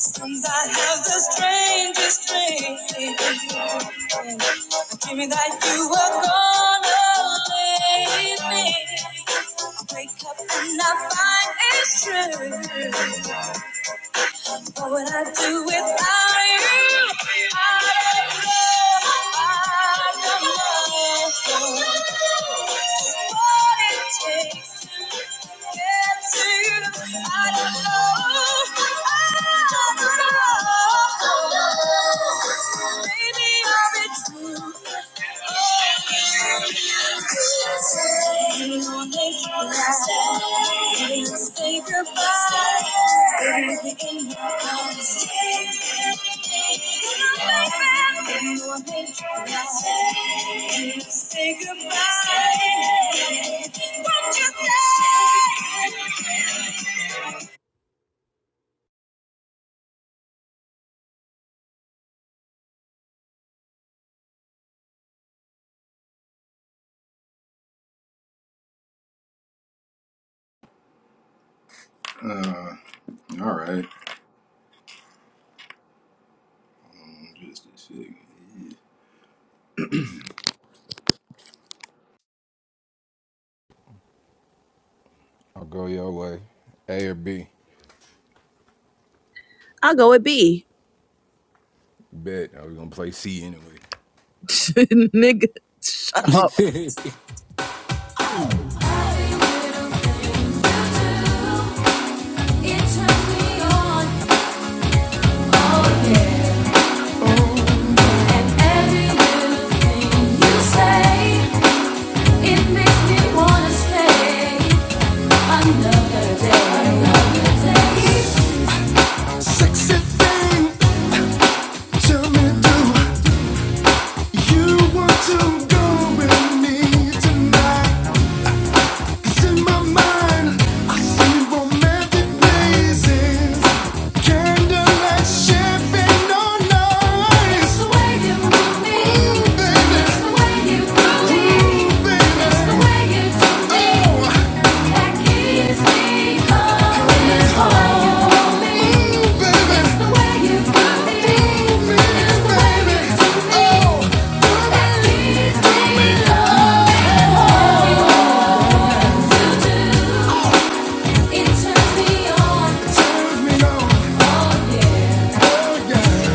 Since I have the strangest dream. Dreaming that you were gonna leave me. I wake up and I find it's true. What would I do without you? I don't know. I don't know what it takes to get to. you. I don't know. I don't know. Maybe I'm a true. I'll go with B. Nigga, Sexy thing, tell me, do you want to go with me tonight? Oh!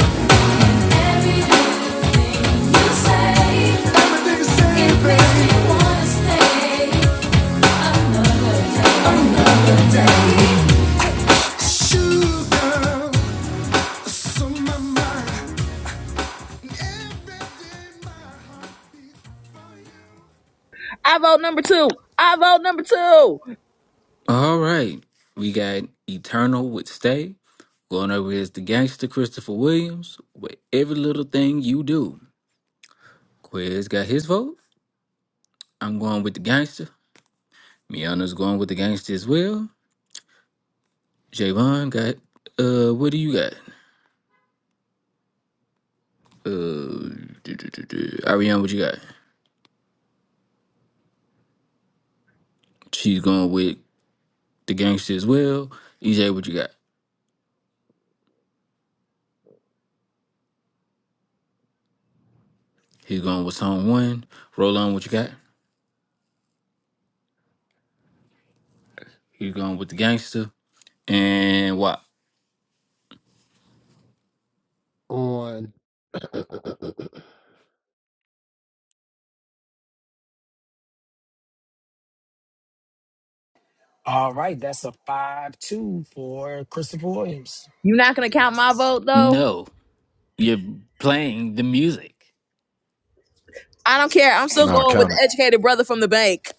All right. We got Eternal with Stay. Going over is the gangster Christopher Williams with every little thing you do. Quiz got his vote. I'm going with the gangster. Miana's going with the gangster as well. Javon got uh what do you got? Uh do, do, do, do. Ariana, what you got? She's going with the gangster as well. EJ, what you got? He's going with song one. Roll what you got? He's going with the gangster. And what? On uh, All right, that's a five two for Christopher Williams. you're not gonna count my vote though. No, you're playing the music. I don't care. I'm still going with the educated brother from the bank.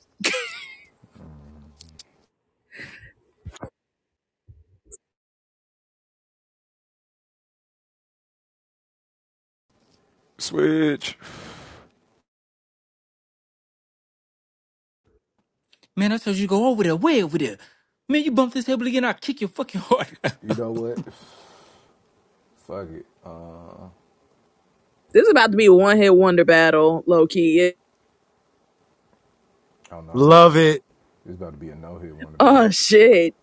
Man, I told you go over there, way over there. Man, you bump this table again, I'll kick your fucking heart out. This is about to be a one hit wonder battle, low key. Love it. Oh shit.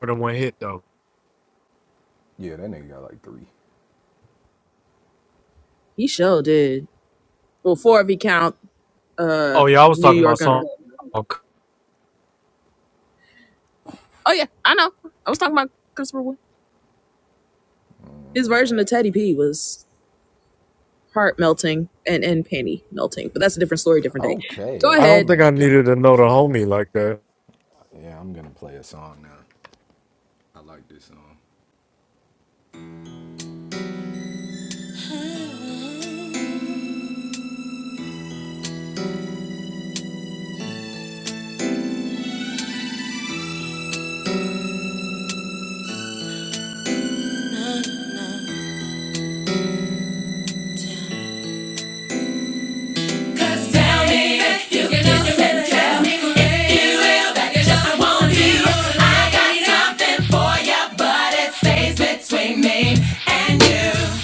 for the one hit though. He sure did. Well, four if you count uh Oh yeah, I was New talking about York song. Underground. I Oh yeah, I know. I was talking about Christopher Wood. His version of Teddy P was heart melting and, and panty melting. But that's a different story, different day. Go ahead. don't think I needed to know the homie like that.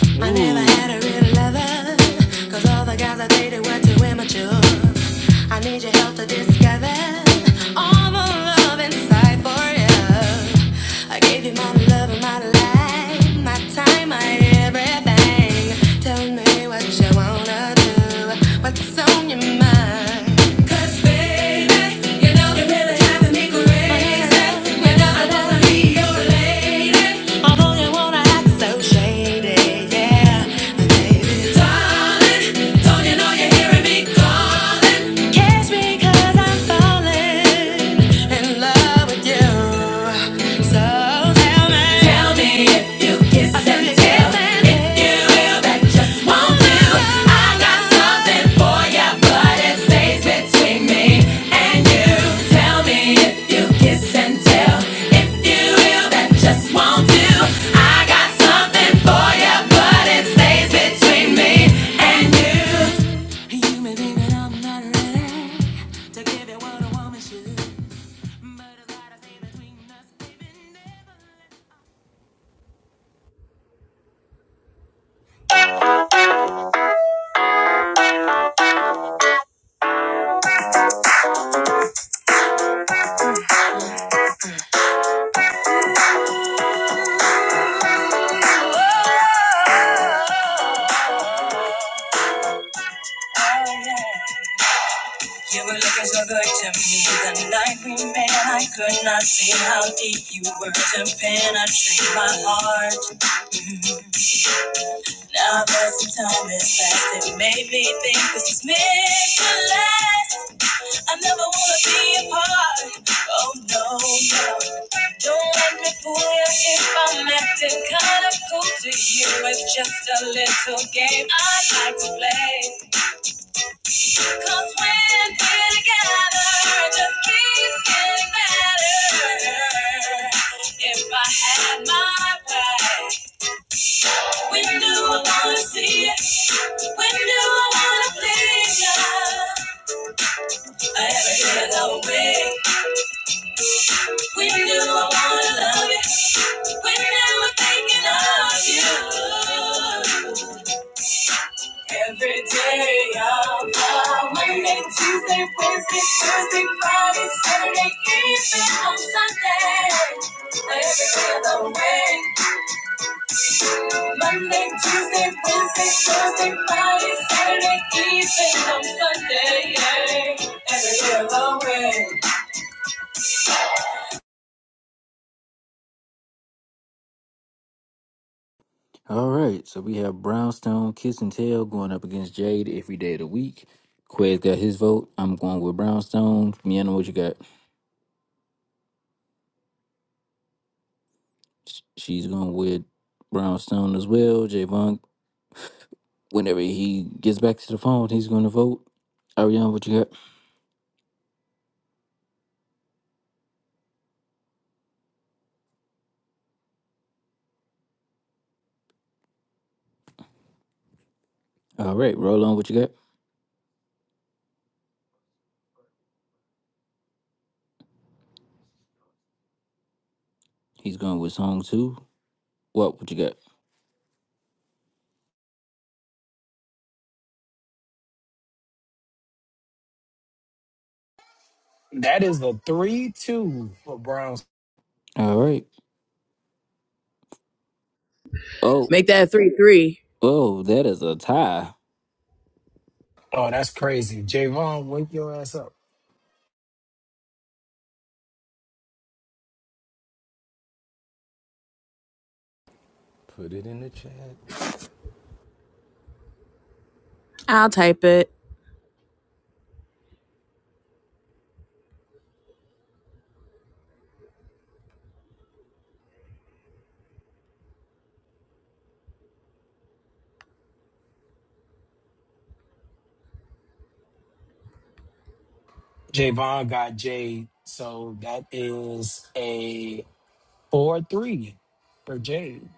Never had Ooh. a love. Darling, don't you know you're hearing me calling? Tell me if you kiss and tell if you will, that just won't do. I got something for you, but it stays between me and you. Tell me if you kiss and tell if you will, that just won't do. I got something for you, but it stays between me and you. You may think that I'm not ready to give you what a woman should, but it's between Oh, yeah. You were looking so good to me the night we met. I could not see how deep you were to penetrate my heart. Now that the time has passed, it made me think this is meant to last. I never wanna be apart. Oh no, no. Don't let me fool you if I'm acting kinda cool to you. It's just a little game I like to play. 'Cause when we're together, it just keeps getting better. If I had my way, we do I wanna see it. When do I wanna please ya? I ever get it all way. When do I wanna love you? When am I thinking of you? Every day of the Monday, Tuesday, Wednesday, Thursday, Friday, Saturday, even on Sunday. I ever get it all way. Monday, Tuesday, Wednesday, Thursday, Friday, Saturday, even on Sunday. Yeah. Every day of the way. All right, so we have Brownstone, Kiss and Tail going up against Jade every day of the week. Quez got his vote. I'm going with Brownstone. Miana, what you got? Sh- She's going with Brownstone as well. Javon, whenever he gets back to the phone, he's going to vote. Ariana, what you got? All right, roll on, what you got? He's going with song two. What, what you got? That is a three two for Browns. All right. Oh, Make that a three three. oh, that is a tie. Oh, that's crazy. Javon, wake your ass up. Shit. Javon got Jade, so that is a four three for Jade,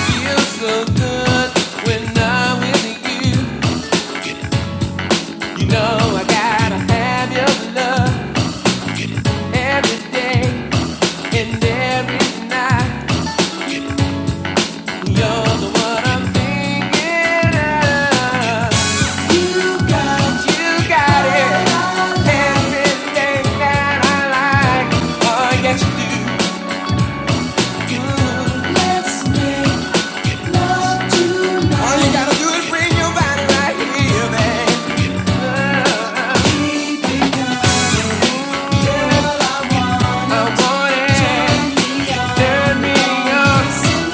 Feels so good when I'm with you. You know I gotta have your love every day and every night. You're the one I'm thinking of. You got, you got it. Everything that I like. Oh yes you do. All you gotta do is bring your body right here, babe. I want it. Turn me on,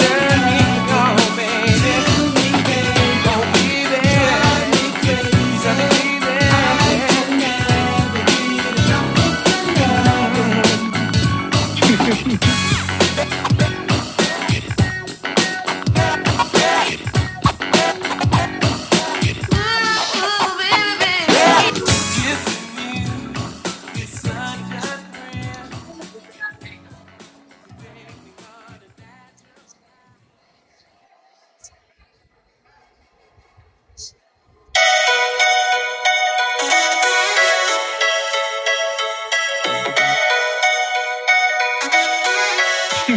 turn me on, baby. Don't be there.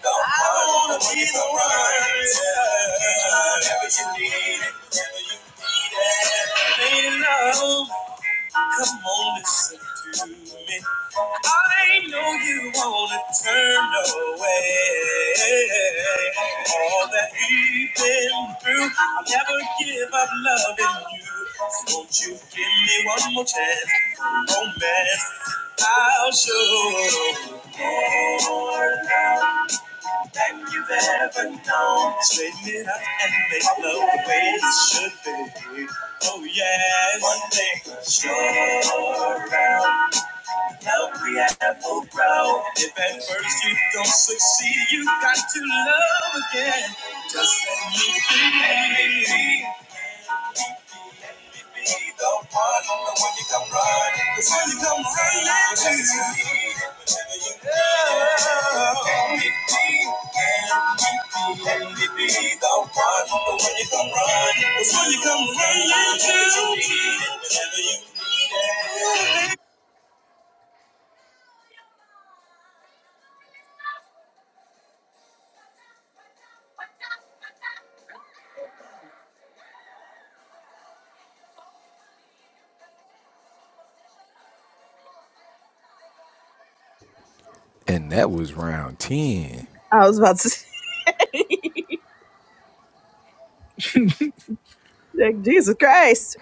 I wanna be the one. Whatever you need. Oh, come on, listen to me. I know you wanna turn away all that we've been through. I'll never give up loving you. So won't you give me one more chance for romance? I'll show. you more love than you've ever known. Straighten it up and make love the way it should be. Oh yeah, one thing sure around. Now we have full ground. If at first you don't succeed, you got to love again. Just let me be. I was about to say, like, Jesus Christ.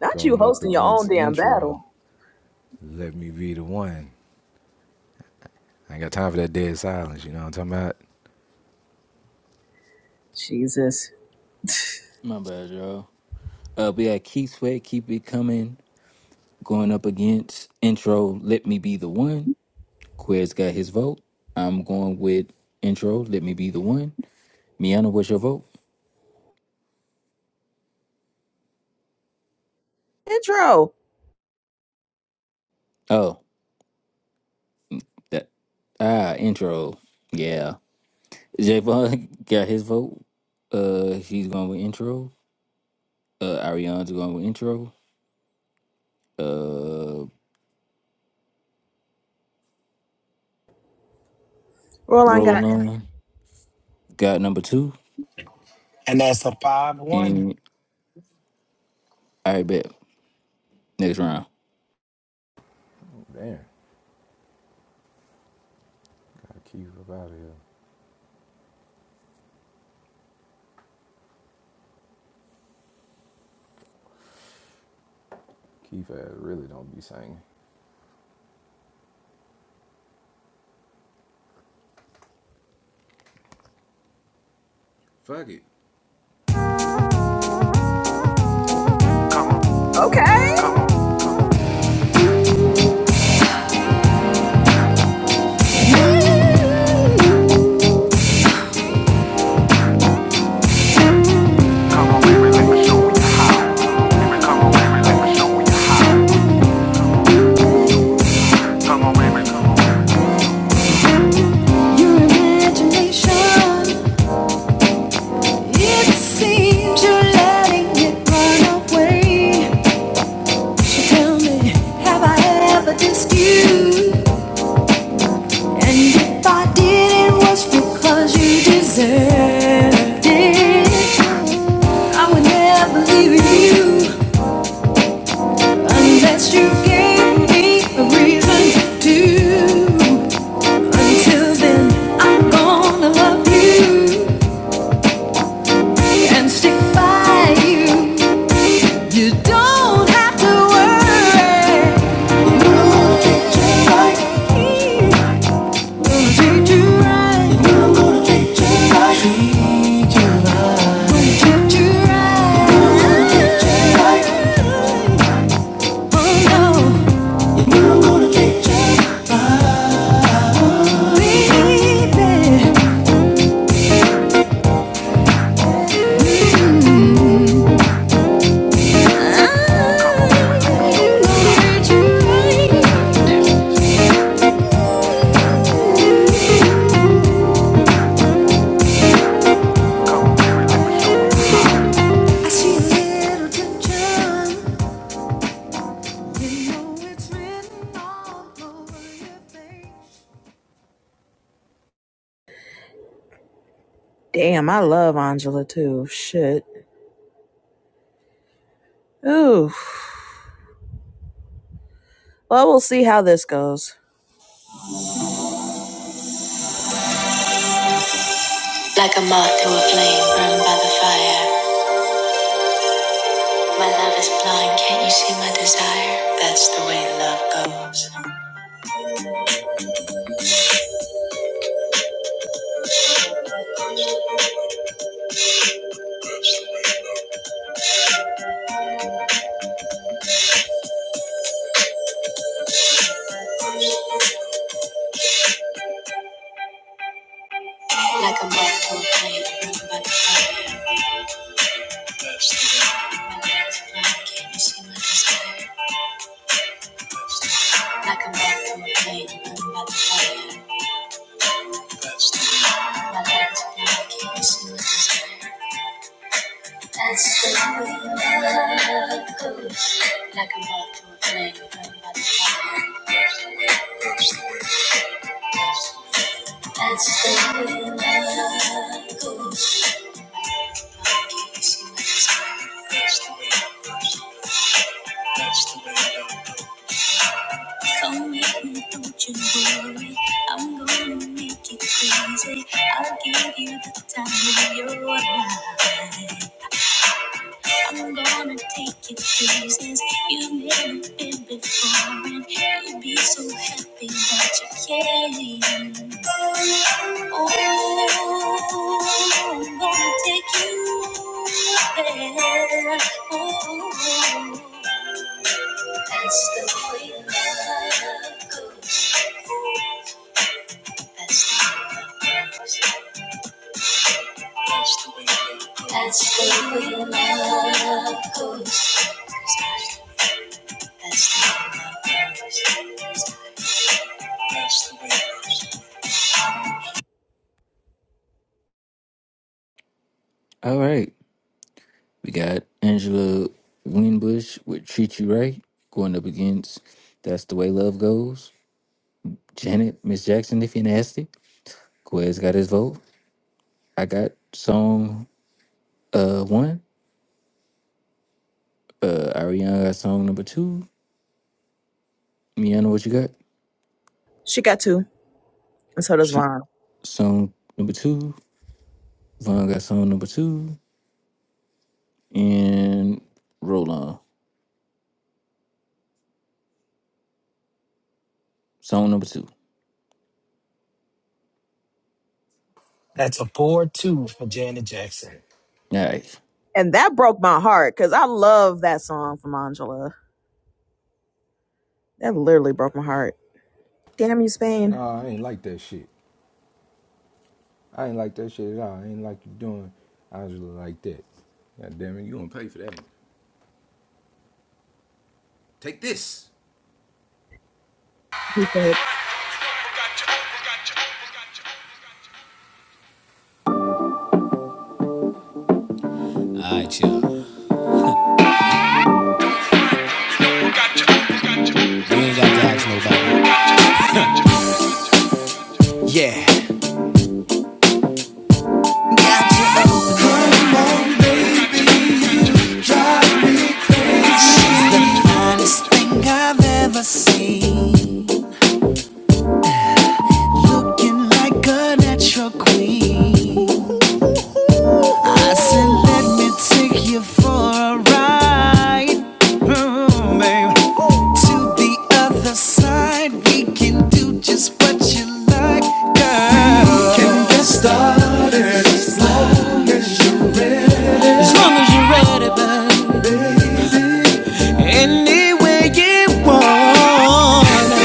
Not you hosting your own damn battle. Jesus. My bad, y'all. Uh, we had Keep Sweat, Keep It Coming, going up against intro, Let Me Be the One. Quez got his vote. I'm going with intro, Let Me Be the One. Miana, what's your vote? Intro. Oh, that ah, intro. Yeah. Javon got his vote. Uh, he's going with intro. Uh, Ariana's going with intro. Uh, Roland got Roll on got number two, and that's a five one. and I bet next round. okay. Deserved it. I would never leave you unless you gave me a reason to. Don't worry. Treat you right. I'm gonna treat you right. Treat you right. I'm gonna treat you right. Oh no. I'm gonna treat you right. Baby, I'm gonna treat you right. I see a little tension. You it's written all over your face. Damn, I love Angela too. Shit. Ooh. Well, we'll see how this goes. Like a moth to a flame burned by the fire. My love is blind, can't you see my desire? That's the way love goes. Like a moth to a flame burned by the fire. My love is blind, can't you see my desire? Like a moth to a flame burned by the fire. my love is blind, can't you see my desire? That's the way love goes. Like a moth to a flame burned by the fire. That's the way. love goes. Come with me, don't you worry. I'm gonna make it crazy. I'll give you the time of your life. I'm gonna take you places you've never been before, and you'll be so happy that you can. Oh, I'm gonna take you there. Oh, that's the way love goes. That's the way love goes. That's the way love goes. All right. We got Angela Winbush with Treat You Right going up against That's the Way Love Goes. Janet, Miss Jackson, if you're nasty. Quez got his vote. I got song uh one. Uh Ariana got song number two. Miana, what you got? She got two. And so does She, mine. song number two. Von got song number two. And Roll On. Song number two. That's a four two for Janet Jackson. All right. And that broke my heart because I love that song from Angela. That literally broke my heart. Damn you, Spain. It's the finest thing I've ever seen. As long as you're ready, but any way you want.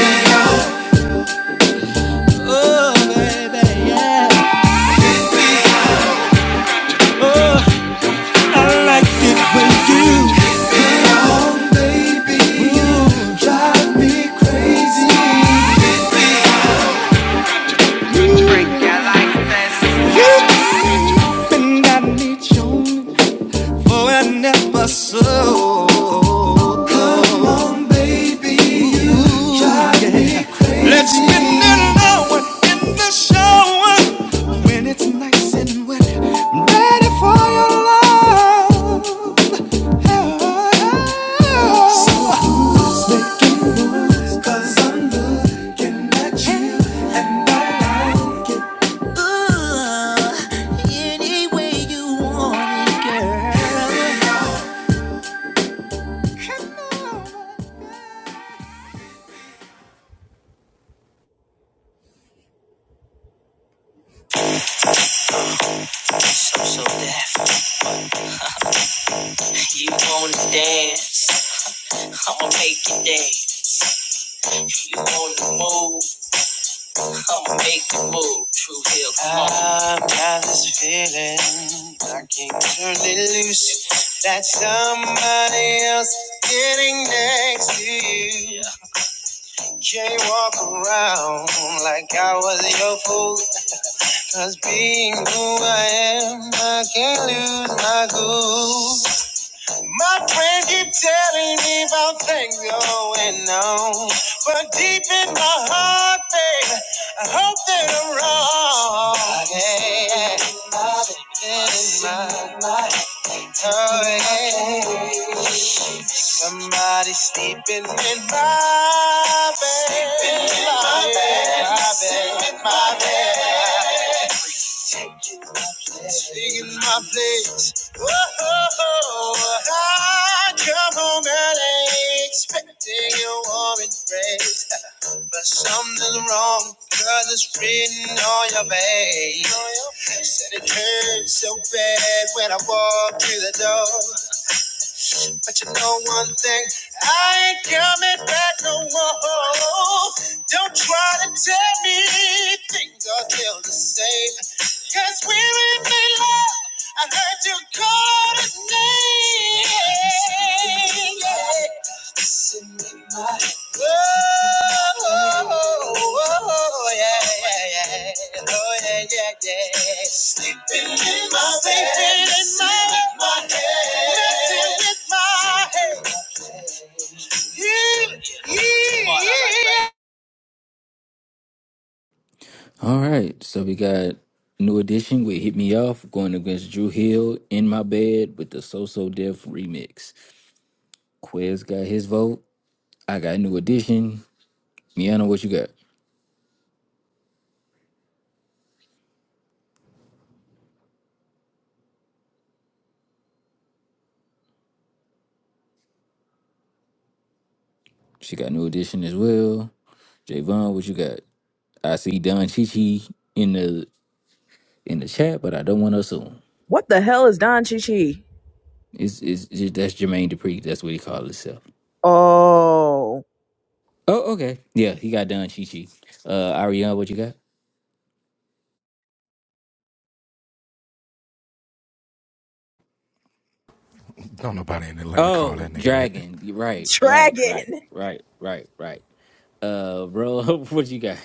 I like when you bend I need your Oh, I never saw when it's nice and wet. I'm ready for your love. So who's making moves? 'Cause I'm looking at you and I like it. Ooh, any way you want it, girl. You dance, make it dance. On the move, make a move. True Hill, come on. I oh, can't go. My friend keep telling me about the deep. I hope that I'm wrong. Yeah, yeah, yeah. Oh, yeah. Somebody sleeping in my bed. Sleeping in my bed. My bed. My bed. Taking my place. Whoa, I come home early, expecting a warm embrace. But something's wrong, girl, it's written on your face. Said it hurt so bad when I walked through the door. But you know one thing, I ain't coming back no more. Don't try to tell me things are still the same. Cause we're in love. I heard you call the name. Oh, All right, so we got New Edition with Hit Me Off going against Drew Hill in my bed with the So So Def remix. Quez got his vote. I got New Edition. Miana, what you got? She got New Edition as well. Javon, what you got? I see Don Chichi in the in the chat, but I don't want to assume. What the hell is Don Chi Chi? It's, it's, it's that's Jermaine Dupri. That's what he called himself. Oh, Oh, okay. Yeah, he got Don Chichi. Uh, Ariana, what you got? Oh, Dragon. You- Right, right, Dragon. right, right, right, right. Uh, roll. What you got?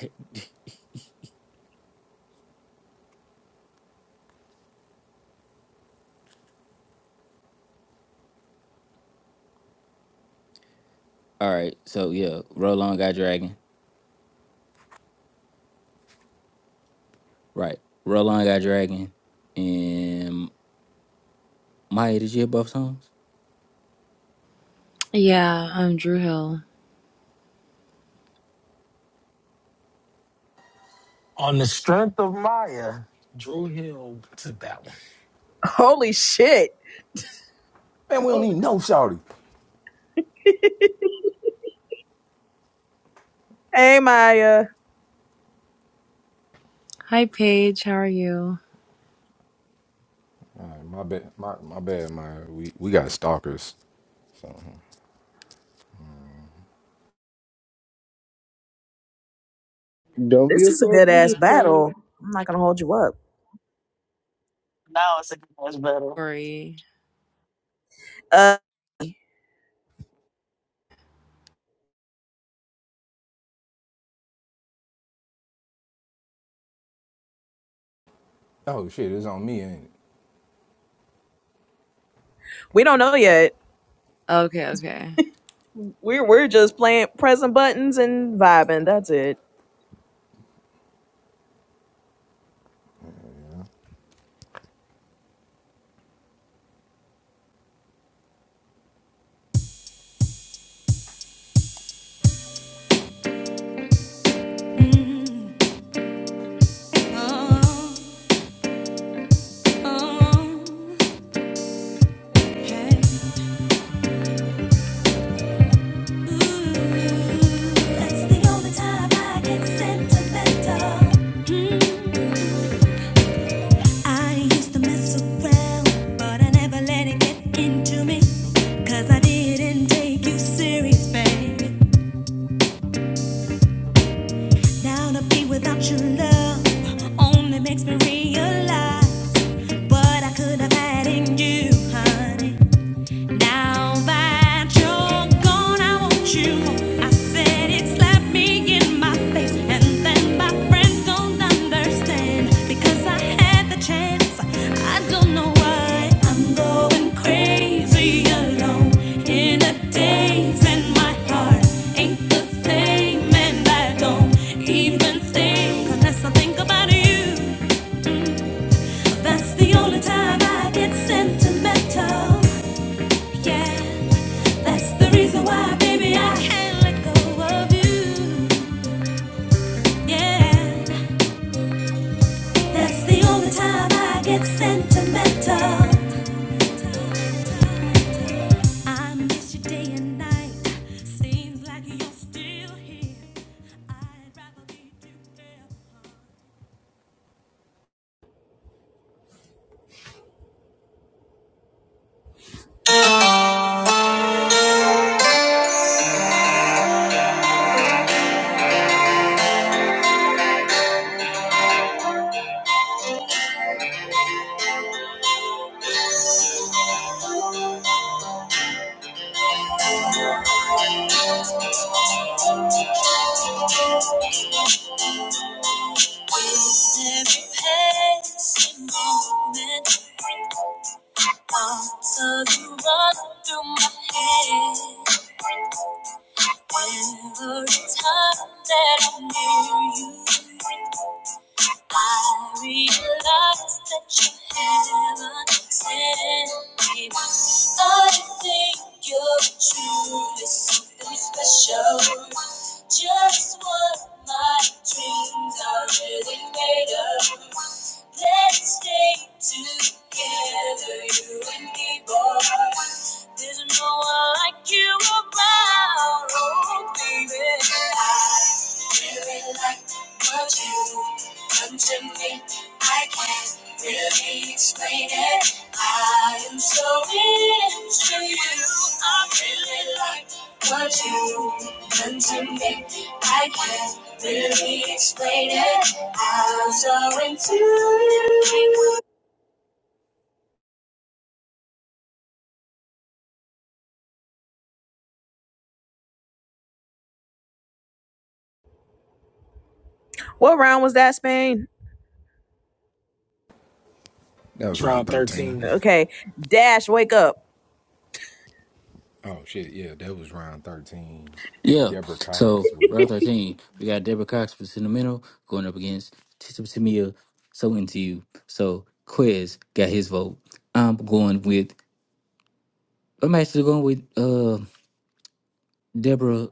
All right. So yeah, roll on, got Dragon. Right. Roll on, got Dragon. And Maya, did you hear both songs? Yeah, I'm Drew Hill. On the strength of Maya, Drew Hill took that one. Holy shit. Hey, Maya. Hi, Paige. How are you? Don't This be a is a sore good ass loser, battle. Sam. I'm not going to hold you up. Now it's a much better. Sorry. Uh, We don't know yet. Okay, okay. We're we're just playing pressing buttons and vibing. That's it. That's the only time I get sentimental. I used to mess around, but I never let it get into me. I didn't take you serious, baby. Now to be without your love only makes me realize what I could have had in you, honey. Now that you're gone, I want you. I said it slapped me in my face, and then my friends don't understand because I had the chance. I don't know why I'm going crazy alone in a daze, and my heart ain't the same, and I don't even think unless I think about you. That's the only time I get sentimental. Yeah. That's the reason why, baby, I can't let go of you. Yeah, that's the only time I get sentimental. I miss you day and night. Seems like you're still here. With every passing moment, thoughts of you run through my head. Every time that I'm near you. I realize that you haven't sent me. I think you're truly something special. Just what my dreams are really made of. Let's stay together, you and me, boy. There's no one like you around, oh baby. I really like what you. Come to me, I can't really explain it. I am so into you. I really like what you done to me. I can't really explain it. I'm so into you. What round was that, Spain? Round thirteen. Okay, Dash, wake up. Yeah. So round thirteen, we got Deborah Cox for Sentimental going up against Tisa Tamia. So into you. So Quiz got his vote. I'm going with. I'm actually going with uh Deborah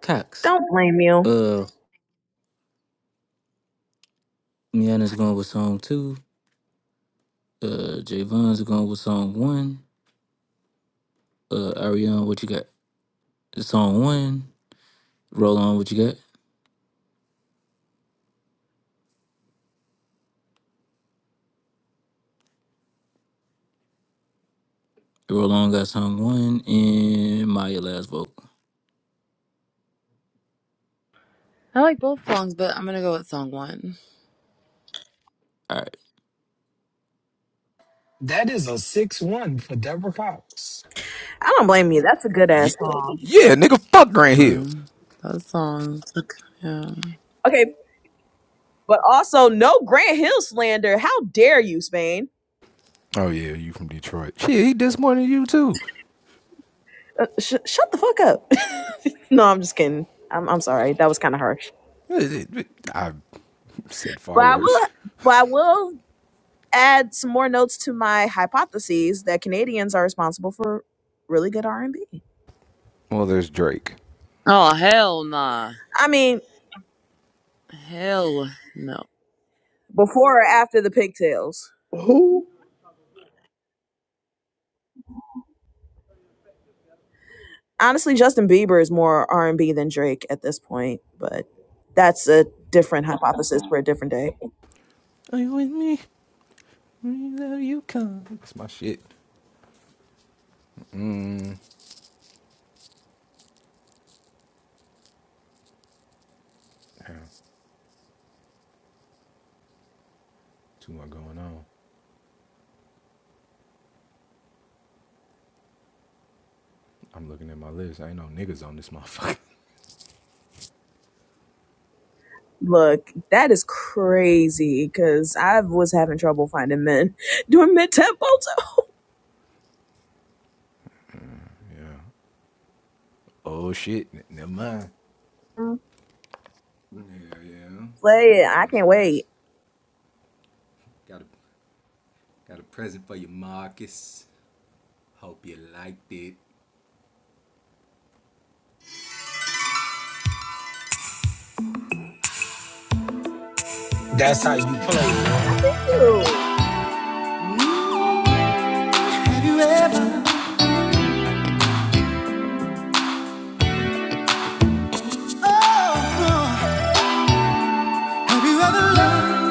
Cox. Don't blame you. Uh, Miana's going with song two. Uh, Javon's going with song one. Uh, Ariana, what you got? Song one. Roll on, what you got? Roll on got song one, and Maya last vote. I like both songs, but I'm gonna go with song one. All right. That is a six one for Deborah Cox. I don't blame you. That's a good ass song. Um, that song. took- Yeah. Okay, but also no Grant Hill slander. How dare you, Spain? Uh, sh- shut the fuck up. No, I'm just kidding. I'm I'm sorry. That was kind of harsh. But I will but I will add some more notes to my hypotheses that Canadians are responsible for really good r and B. Oh hell nah. I mean, Hell no. before or after the pigtails. Who? Honestly, Justin Bieber is more R&B than Drake at this point, but that's a different hypothesis for a different day. Look, that is crazy cuz I was having trouble finding men doing mid-tempo. Play it. I can't wait. That's how you play, boy. Ew. Have you ever, oh, have you ever loved?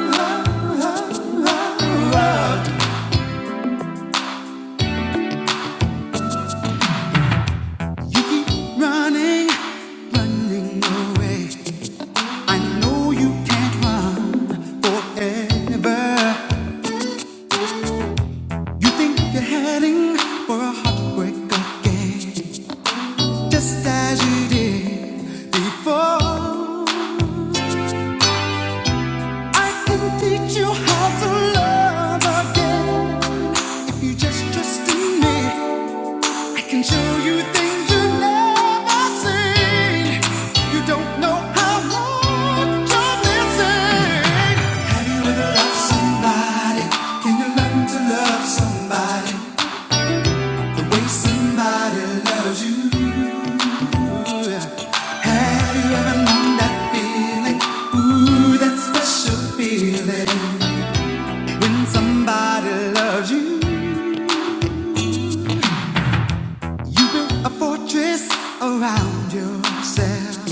You keep running, running away. I know you can't run forever. You think you're heading for a heartbreak again, just as you did before. I can teach you how to love again. If you just trust in me, I can show you things you've never seen. You don't know how much you're missing. Have you ever loved somebody? Can you learn to love somebody the way somebody loves you? Have you ever known that feeling? Ooh, that special feeling when somebody loves you. You build a fortress around yourself.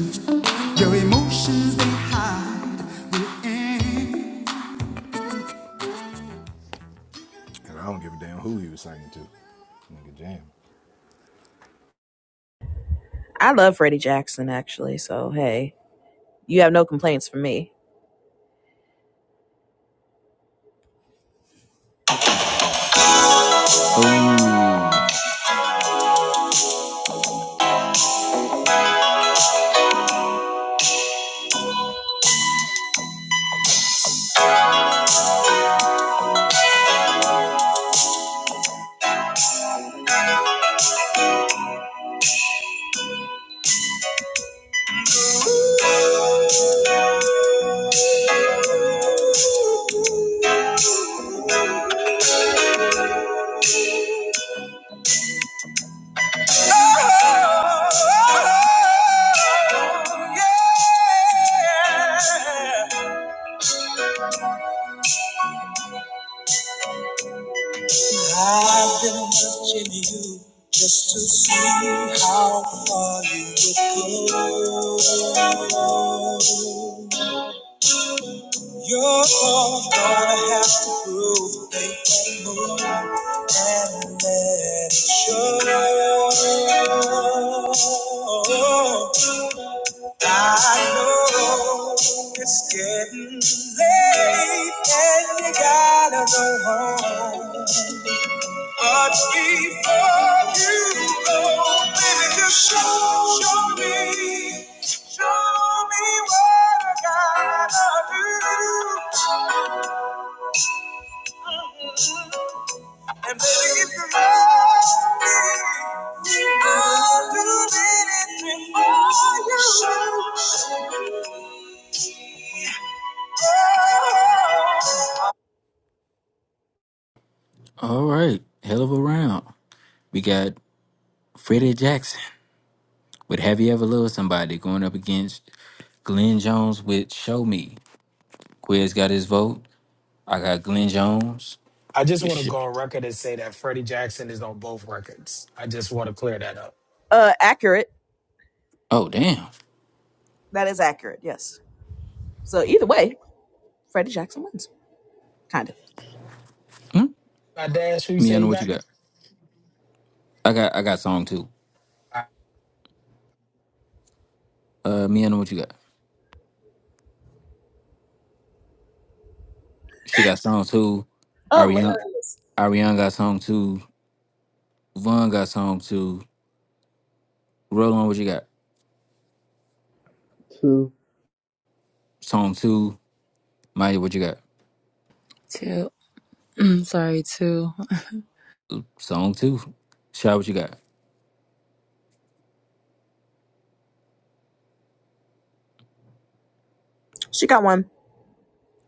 Your emotions they hide within. I love Freddie Jackson actually, so hey, you have no complaints from me. Oh, I've been watching you just to see how far you would go. You're gonna have to prove they can move and let it show. I know it's getting late and you gotta go home. Much before you go, baby, just show, show me, show me what I gotta do. And baby, if you love me, I'll do anything for you. Show, show me. all right. Hell of a round. We got Freddie Jackson with Have You Ever Loved Somebody going up against Glenn Jones with Show Me. Quiz got his vote. I got Glenn Jones I just with want to Sh- go on record and say that Freddie Jackson is on both records. I just want to clear that up. Uh, accurate. Oh damn. That is accurate. Yes. So either way, Freddie Jackson wins. Kind of. Hmm? My dash, who you say Miana, you what you got? got? I got I got song two. Uh, me and what you got? She got song two. Ariana, Ariana got song two. Von got song two. Roland, what you got? Two. Song two. Maya, what you got? Two. Sorry, two. Song two. Shy, what you got? She got one.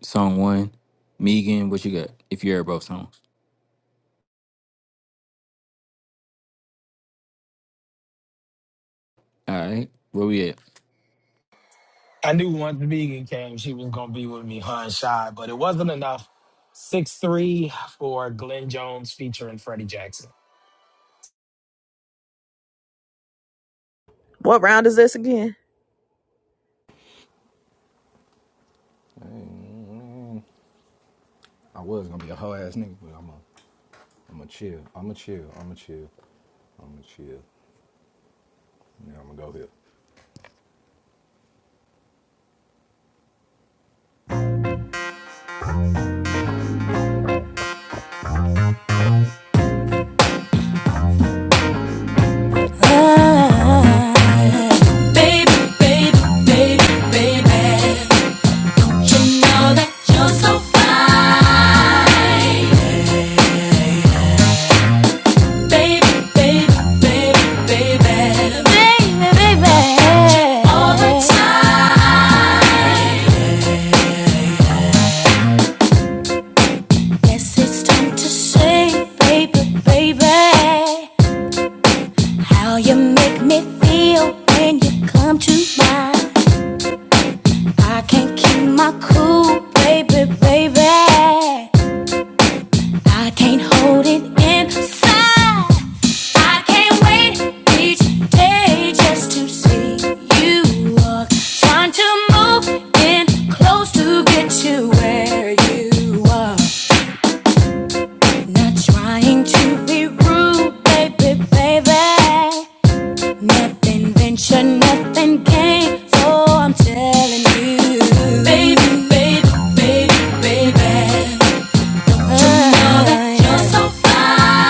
Song one. Megan, what you got? If you heard both songs. All right, where we at? I knew once Vegan came, she was gonna be with me, her and Shy, but it wasn't enough. Six three for Glenn Jones featuring Freddie Jackson. What round is this again? Baby, baby, baby, baby, you know that you're so fine. Baby, baby, baby, baby, baby, baby, all the time. Guess it's time to say, baby, baby, how you make me feel when you come to mind. I can't keep my cool, baby, baby. I can't hold it inside. I can't wait each day just to see you walk. Trying to move in close to get to where you are. Not trying to be rude, baby, baby. Nothing venture, nothing gain. So I'm telling you, baby, baby, baby, baby. You're so fine.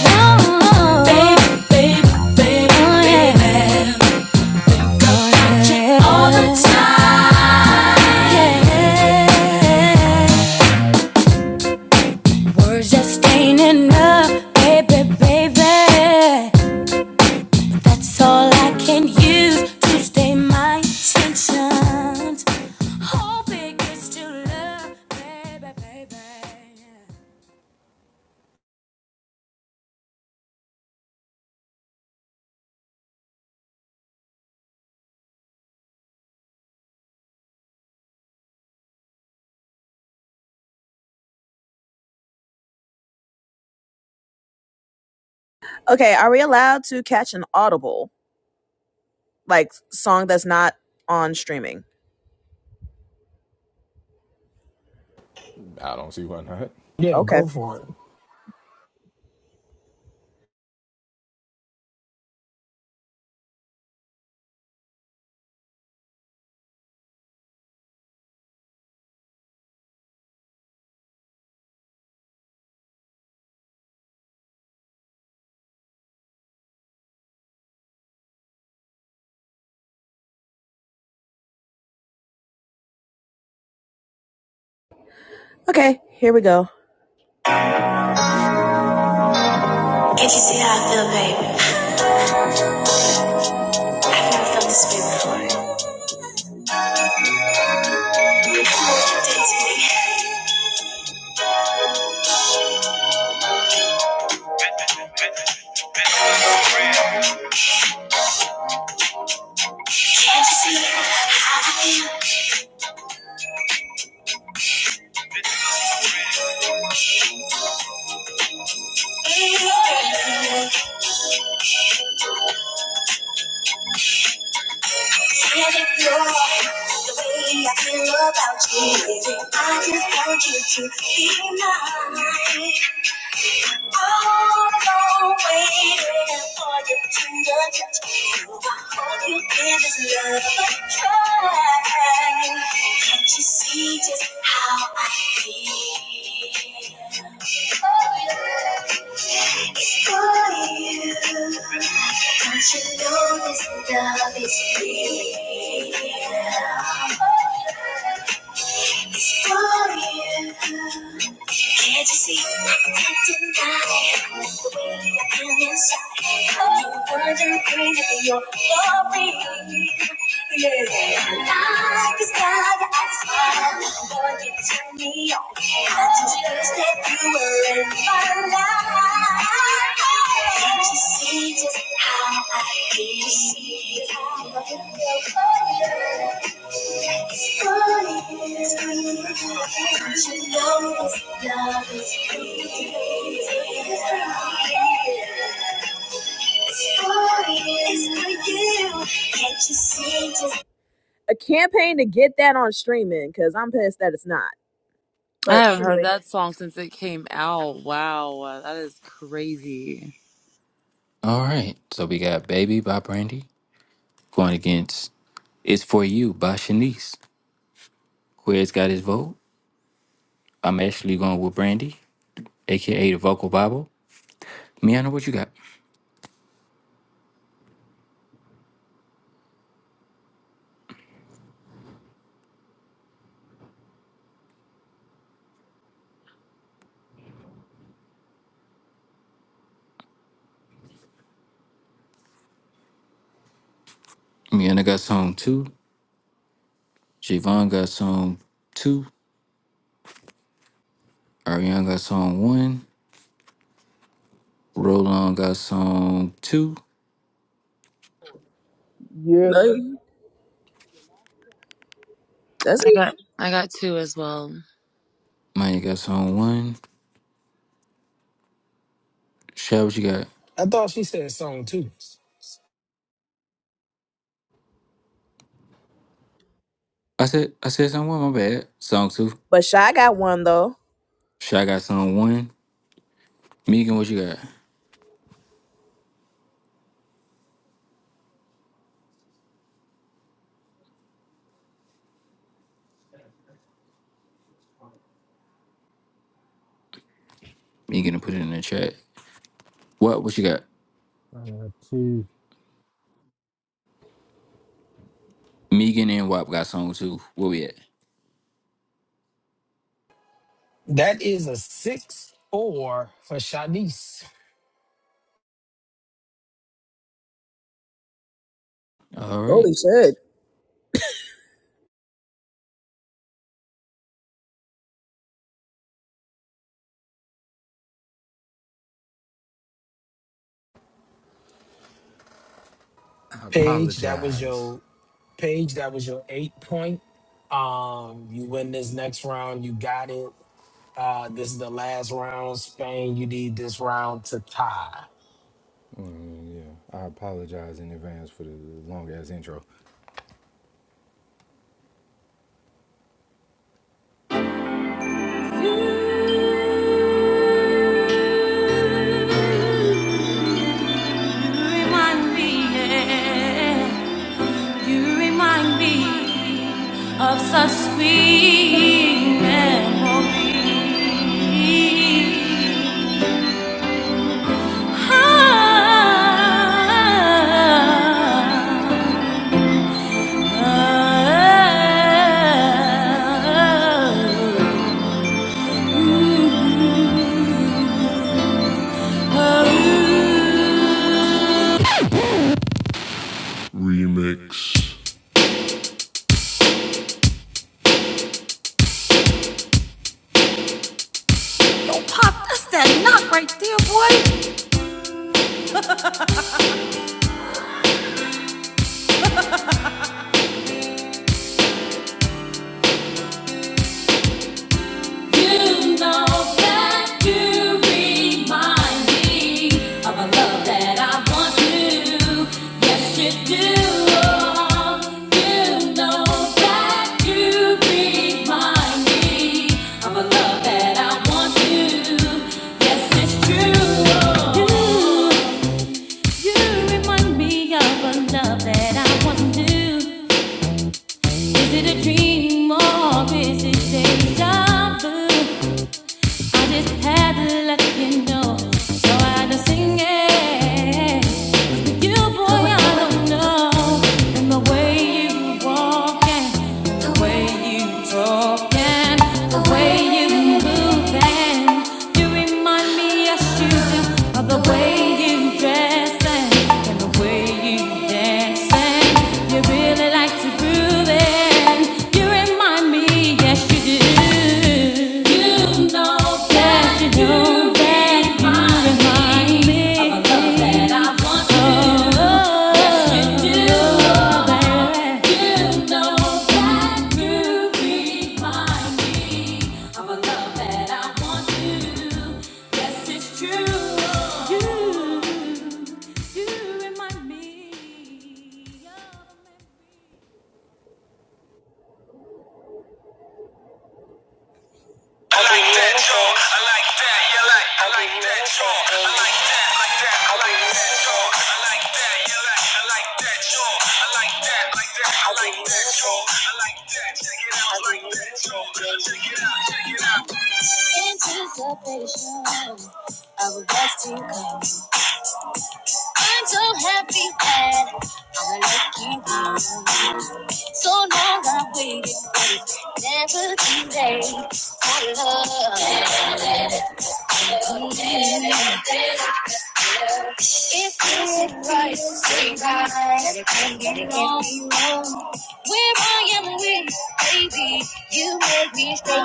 Oh, baby, baby, baby, oh, yeah. baby. Oh, Got you yeah. I check all the time. Yeah. Words just ain't enough, baby, baby. That's all I can use to stay my intentions. Hoping it's to love, baby, baby. Okay, are we allowed to catch an audible like song that's not on streaming? Yeah, Okay. go for it. Okay, here we go. Can't you see how I feel, baby? I felt this way before. Can't you see? Treasure your the way I feel about you. I just want you to be mine. I'm waiting for your tender touch. So I hope you give this love a try. Can't you see just how I feel? Oh, yeah. It's for you. Don't you know this love is real? Oh, yeah. It's for you. Can't you see? I can't deny the way you feel inside. Oh, wondering crazy for your glory. Yeah. Like the sky, your eyes smile. Boy, you turn me on. I just wish that you were in my life. Can't you see? See just how I feel. See just how I feel. Oh, yeah. It's falling, it's breathing, and you know this love is free. It's free. It's falling, it's breathing, can't you see just- A campaign to get that on streaming because I'm pissed that it's not. I But haven't heard that song since it came out. Wow, that is crazy. All right, so we got Baby by Brandy going against It's For You by Shanice. Quez got his vote. I'm actually going with Brandy, aka the Vocal Bible. Miana, what you got? Miana got song two. Javon got song two. Ariana got song one. Roland got song two. Yeah. Does I he? got I got two as well. Maya got song one. Shy, what you got? I thought she said song too. I said I said song one, my bad. Song two. but Shy got one though. Shy got song one. Megan, what you got? Megan put it in the chat. What what you got? two Megan and Wap got song two. Where we at? That is a six four for Shanice. All right. Holy shit. Paige, that was your Paige, that was your eight point. Um, you win this next round, you got it. Uh, this is the last round. Spain, you need this round to tie. You remind me, yeah. You remind me of such sweet memories. Ah. You know that you remind me of a love that I want to. Yes, you do. You know that you remind me of a love that I once knew. Yes, it's true. You, you remind me of a love that I once knew. Is it a dream or is it deja vu? I just had to let you know, so I had to sing it. With you, boy, I don't know. And the way you walk and the way you talk and the way you move and you remind me, yes you do, of the way you dress and, and the way you dance and you really like to groove it. You remind me, yes you do. You know that you do. That you remind me of that I want to do. Oh, yes you do. baby. You know that you remind me of a love that I want to. Yes, it's true. You, you remind me. of a man. I like that, yo. I like that I like that, like that. I like that I like that I like that. Anticipation of a best to I'm so happy that I'm looking good. So long I waited, but never too late for love. If this advice ain't right, I can get it all you Where I am with, baby, you make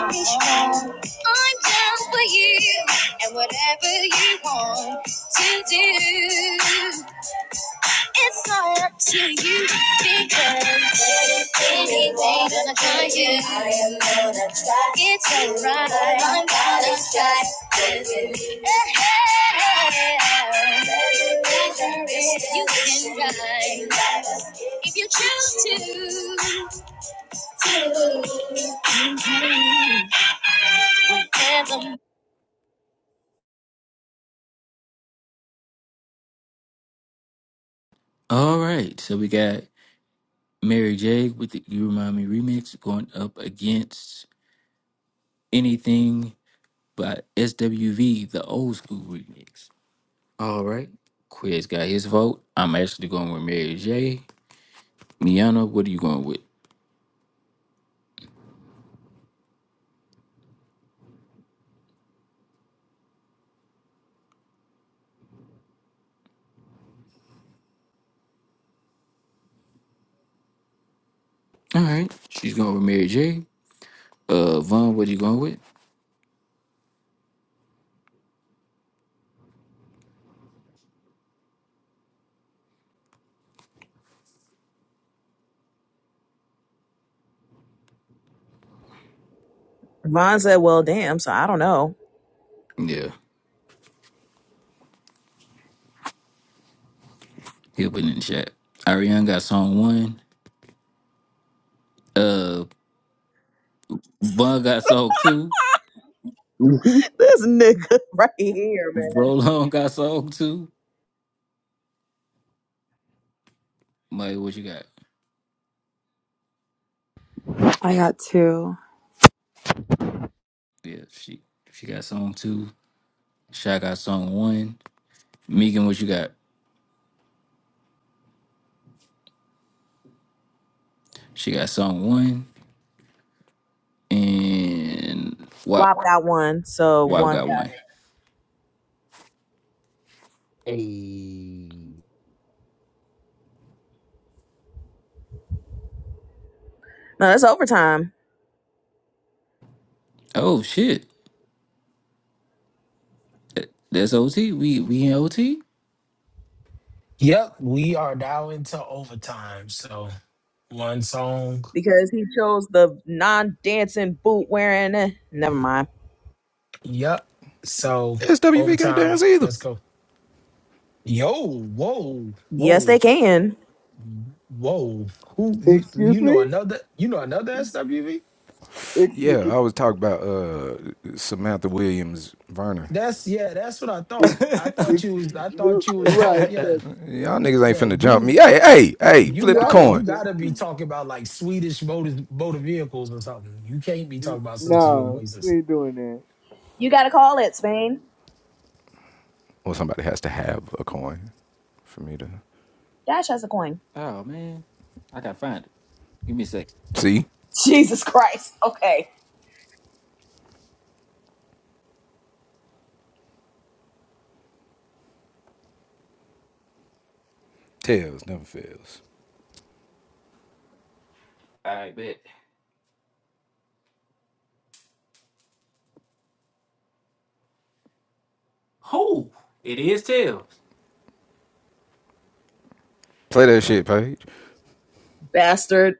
me strong. I'm down for you and whatever you want to do. It's all up to you because anything gonna come to you. It's alright. I'm gonna try. You can ride if you choose to. All right. So we got Mary J with the You Remind Me remix going up against anything by SWV, the old school remix. All right. Quiz got his vote. I'm actually going with Mary J. Miana, what are you going with? All right. She's going with Mary J. Uh, Vaughn, what are you going with? Vaughn said, "Well, damn. So I don't know. Yeah. He'll put it in the chat. Ariane got song one. Uh, Vaughn got song two. This nigga right here, man, Roland got song two. Mike, what you got? I got two. Yeah, she she got song two. Shy got song one. Megan, what you got? She got song one. And whopped Wap, out one. So Wap one got one. eight. No, that's overtime. Oh, shit. That's OT. We we in OT. Yep, we are now into overtime. So One song. because he chose the non-dancing boot wearing. eh, Never mind. Yep. So overtime. Let's go. Yo, whoa, Yes, whoa, they can. whoa. Who you, Excuse you me? know another you know another SWV? Excuse, ex, That's yeah, that's what I ex, thought. I thought you excuse, was I You're thought you was talk right, yeah. because Yeah, you yeah, you we are gotta going you to jump gotta be you. talking about like Swedish motor motor vehicles or something. You can't be N- talking about sisters with Nah, we voices. ain't doing that. You gotta call it Spain. Dash has a coin. Oh man, I gotta find it. Give me a sec. Jesus Christ. Okay, All right, bet. who? it is tails. bastard.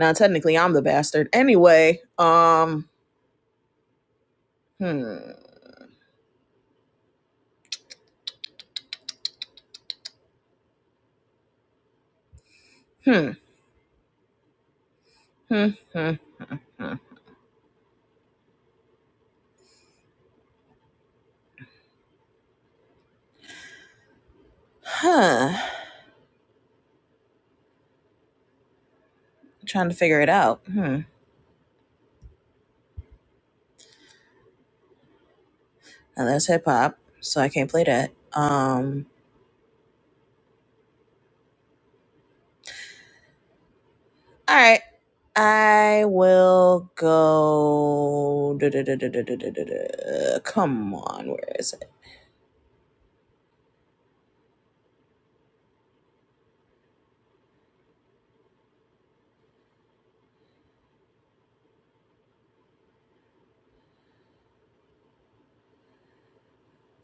Now technically, I'm the bastard. Anyway, um. Hmm. Hmm. Hmm. Hmm. Hmm. Huh. I'm Trying to figure it out. Hmm. And that's hip hop, so I can't play that. Um. All right. I will go. duh, duh, duh, duh, duh, duh, duh, duh, duh. Come on, where is it?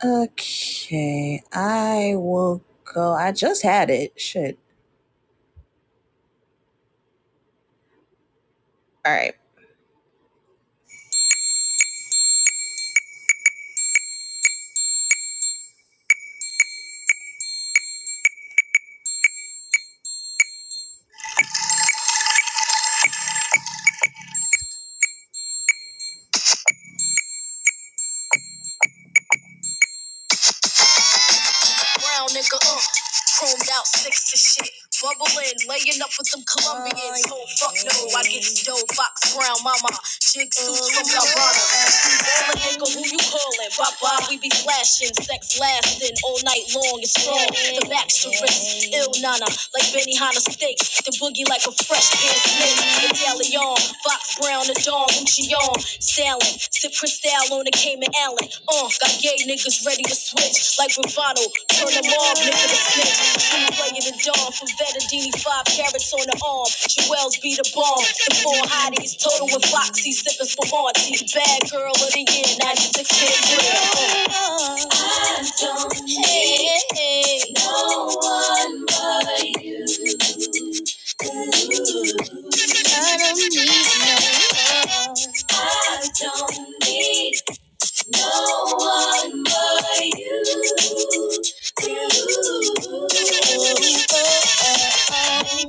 Okay, I will go. I just had it. Shit. All right. brown nigga up. Chromed out six to shit. Bubbling, laying up with them Colombians. Oh, fuck no, I get dough. Fox Brown, mama. Jig suits from La Rana. Call nigga who you callin'. Bye bye, we be flashing. Sex lasting all night long. It's strong. The max to wrist. Ill nana, like Benihana Hanna steaks. The boogie like a fresh pan snake. Medallion, Fox Brown, the Dawn, Gucci on. Stalin, Cypress style on the Cayman Allen. Uh, got gay niggas ready to switch. Like Bravado, turn them off, nigga to snitch. True player the dawn from Bettadini, five carrots on the arm. Jewels be the bomb. The four hotties, total with Foxy, sipping for Monty. Bad girl of the year, 96 Uh. I don't hate hey, hey. no one but you. I don't need no. I don't need No one but you. you.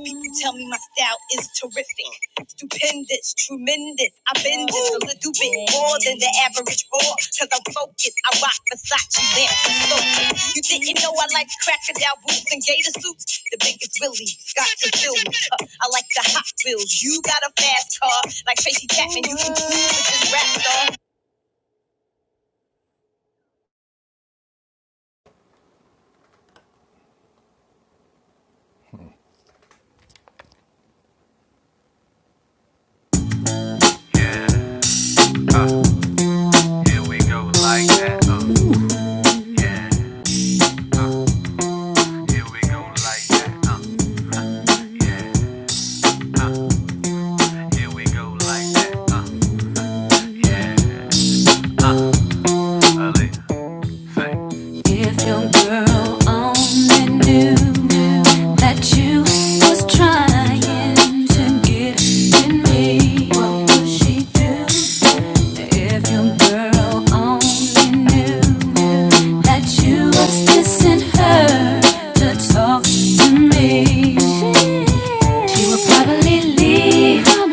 people tell me my style is terrific, stupendous, tremendous. I've been just a little bit more than the average whore, cause I'm focused. I rock Versace lamps and sofas. You didn't know I like crocodile boots and gator suits? The biggest really got to fill me. Uh, I like the Hot Wheels. You got a fast car, like Tracy Chapman. You can cruise with this rap star. Ooh, If your girl only knew that you was trying to get in me, what would she do? If your girl only knew that you was kissing her to talk to me. She would probably leave you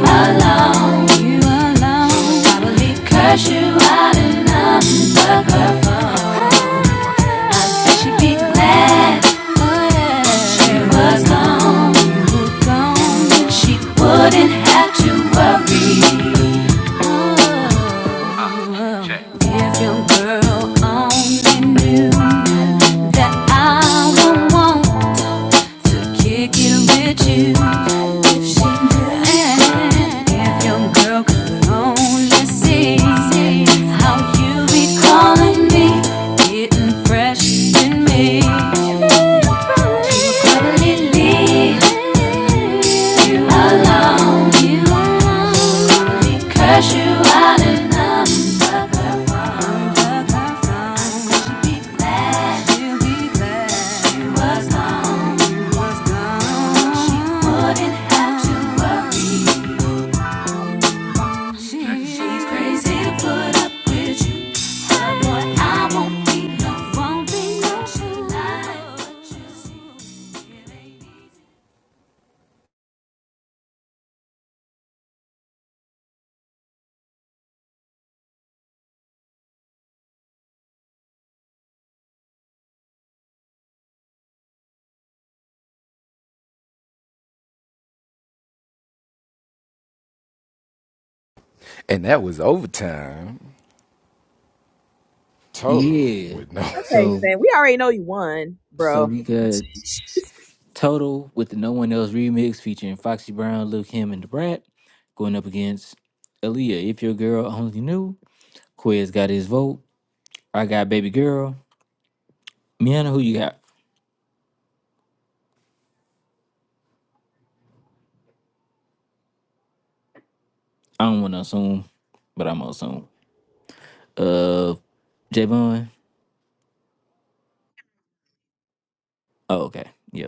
alone. You alone. Probably curse you out and unplug her phone. And she'd be glad she was gone. Then she wouldn't have to worry. If your girl only knew that I would want to kick it with you. If she knew, if your girl could only see how you be calling me, getting fresh in me, she would probably leave. Won't be no fool. yeah. Okay, So Stan. We already know you won, so bro. we got total with the no one else remix featuring Foxy Brown, Luke Him, and the Brat going up against Aaliyah. If your girl only knew. Quez got his vote. I got baby girl. Miana, who you got? I don't want to assume, but I'm gonna assume. Uh, Javon. Oh, okay. Yeah.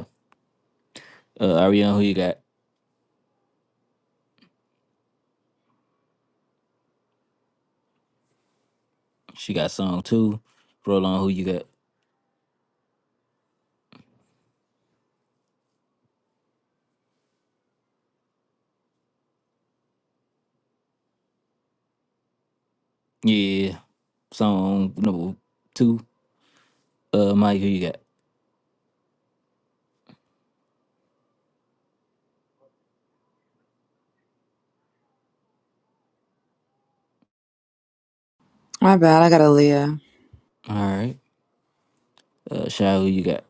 Uh, Ariana, who you got? She got song two. Roll on, who you got? Yeah, song number two. Uh, Mike, who you got? My bad. I got Aaliyah. All right. Uh, Shy, who you got?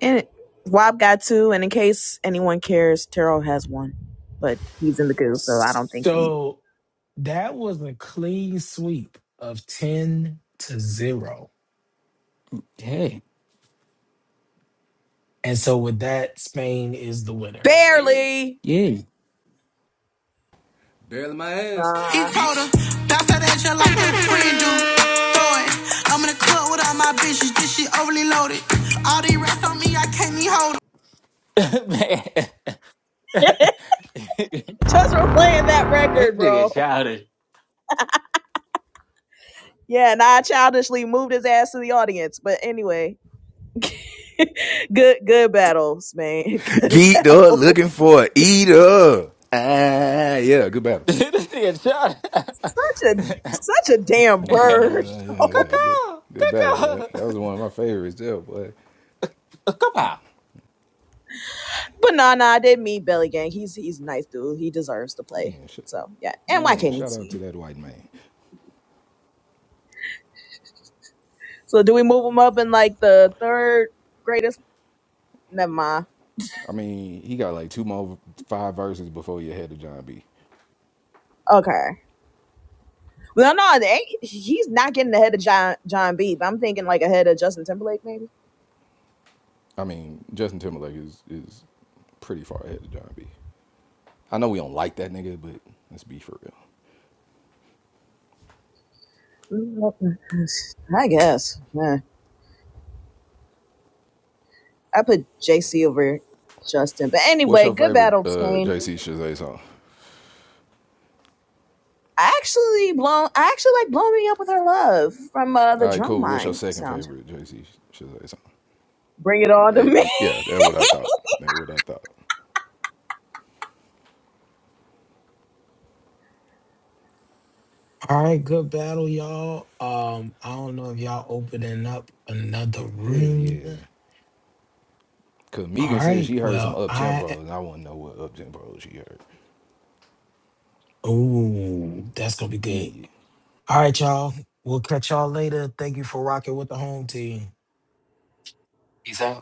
And Wob got two, and in case anyone cares, Terrell has one. But he's in the goo, so I don't think he So that was a clean sweep of 10 to 0 Hey, And so with that, Spain is the winner. barely yeah. Nah. He told her, bounce that ass just like your friend do. Throw it. I'm in the club with all my bitches. This shit overly loaded. All these rats on me, I can't even hold 'em. Man, just for playing that this record, bro. nigga childish. Yeah, and I childishly moved his ass to the audience. But anyway, good good battles, man. Good battle. this nigga Such a childish. such a damn bird. Cuckoo, cuckoo, cuckoo. But nah, nah, I didn't mean Belly Gang. He's he's a nice dude. He deserves to play. So yeah. And why can't he see? So do we move him up in like the third greatest? Never mind. Okay. Well, no, it ain't, he's not getting ahead of John John B. But I'm thinking like ahead of Justin Timberlake, maybe. Mm, I guess. Yeah. I put JC over Justin. But anyway, good battle, Shane. I actually blown. I actually like blow me up with her love from uh, the Drumline soundtrack. Bring it on to me. All right, good battle, y'all. Um, I don't know if y'all opening up another room. All right, well, I oh, that's gonna be good. All right, y'all. We'll catch y'all later. Thank you for rocking with the home team. He's out.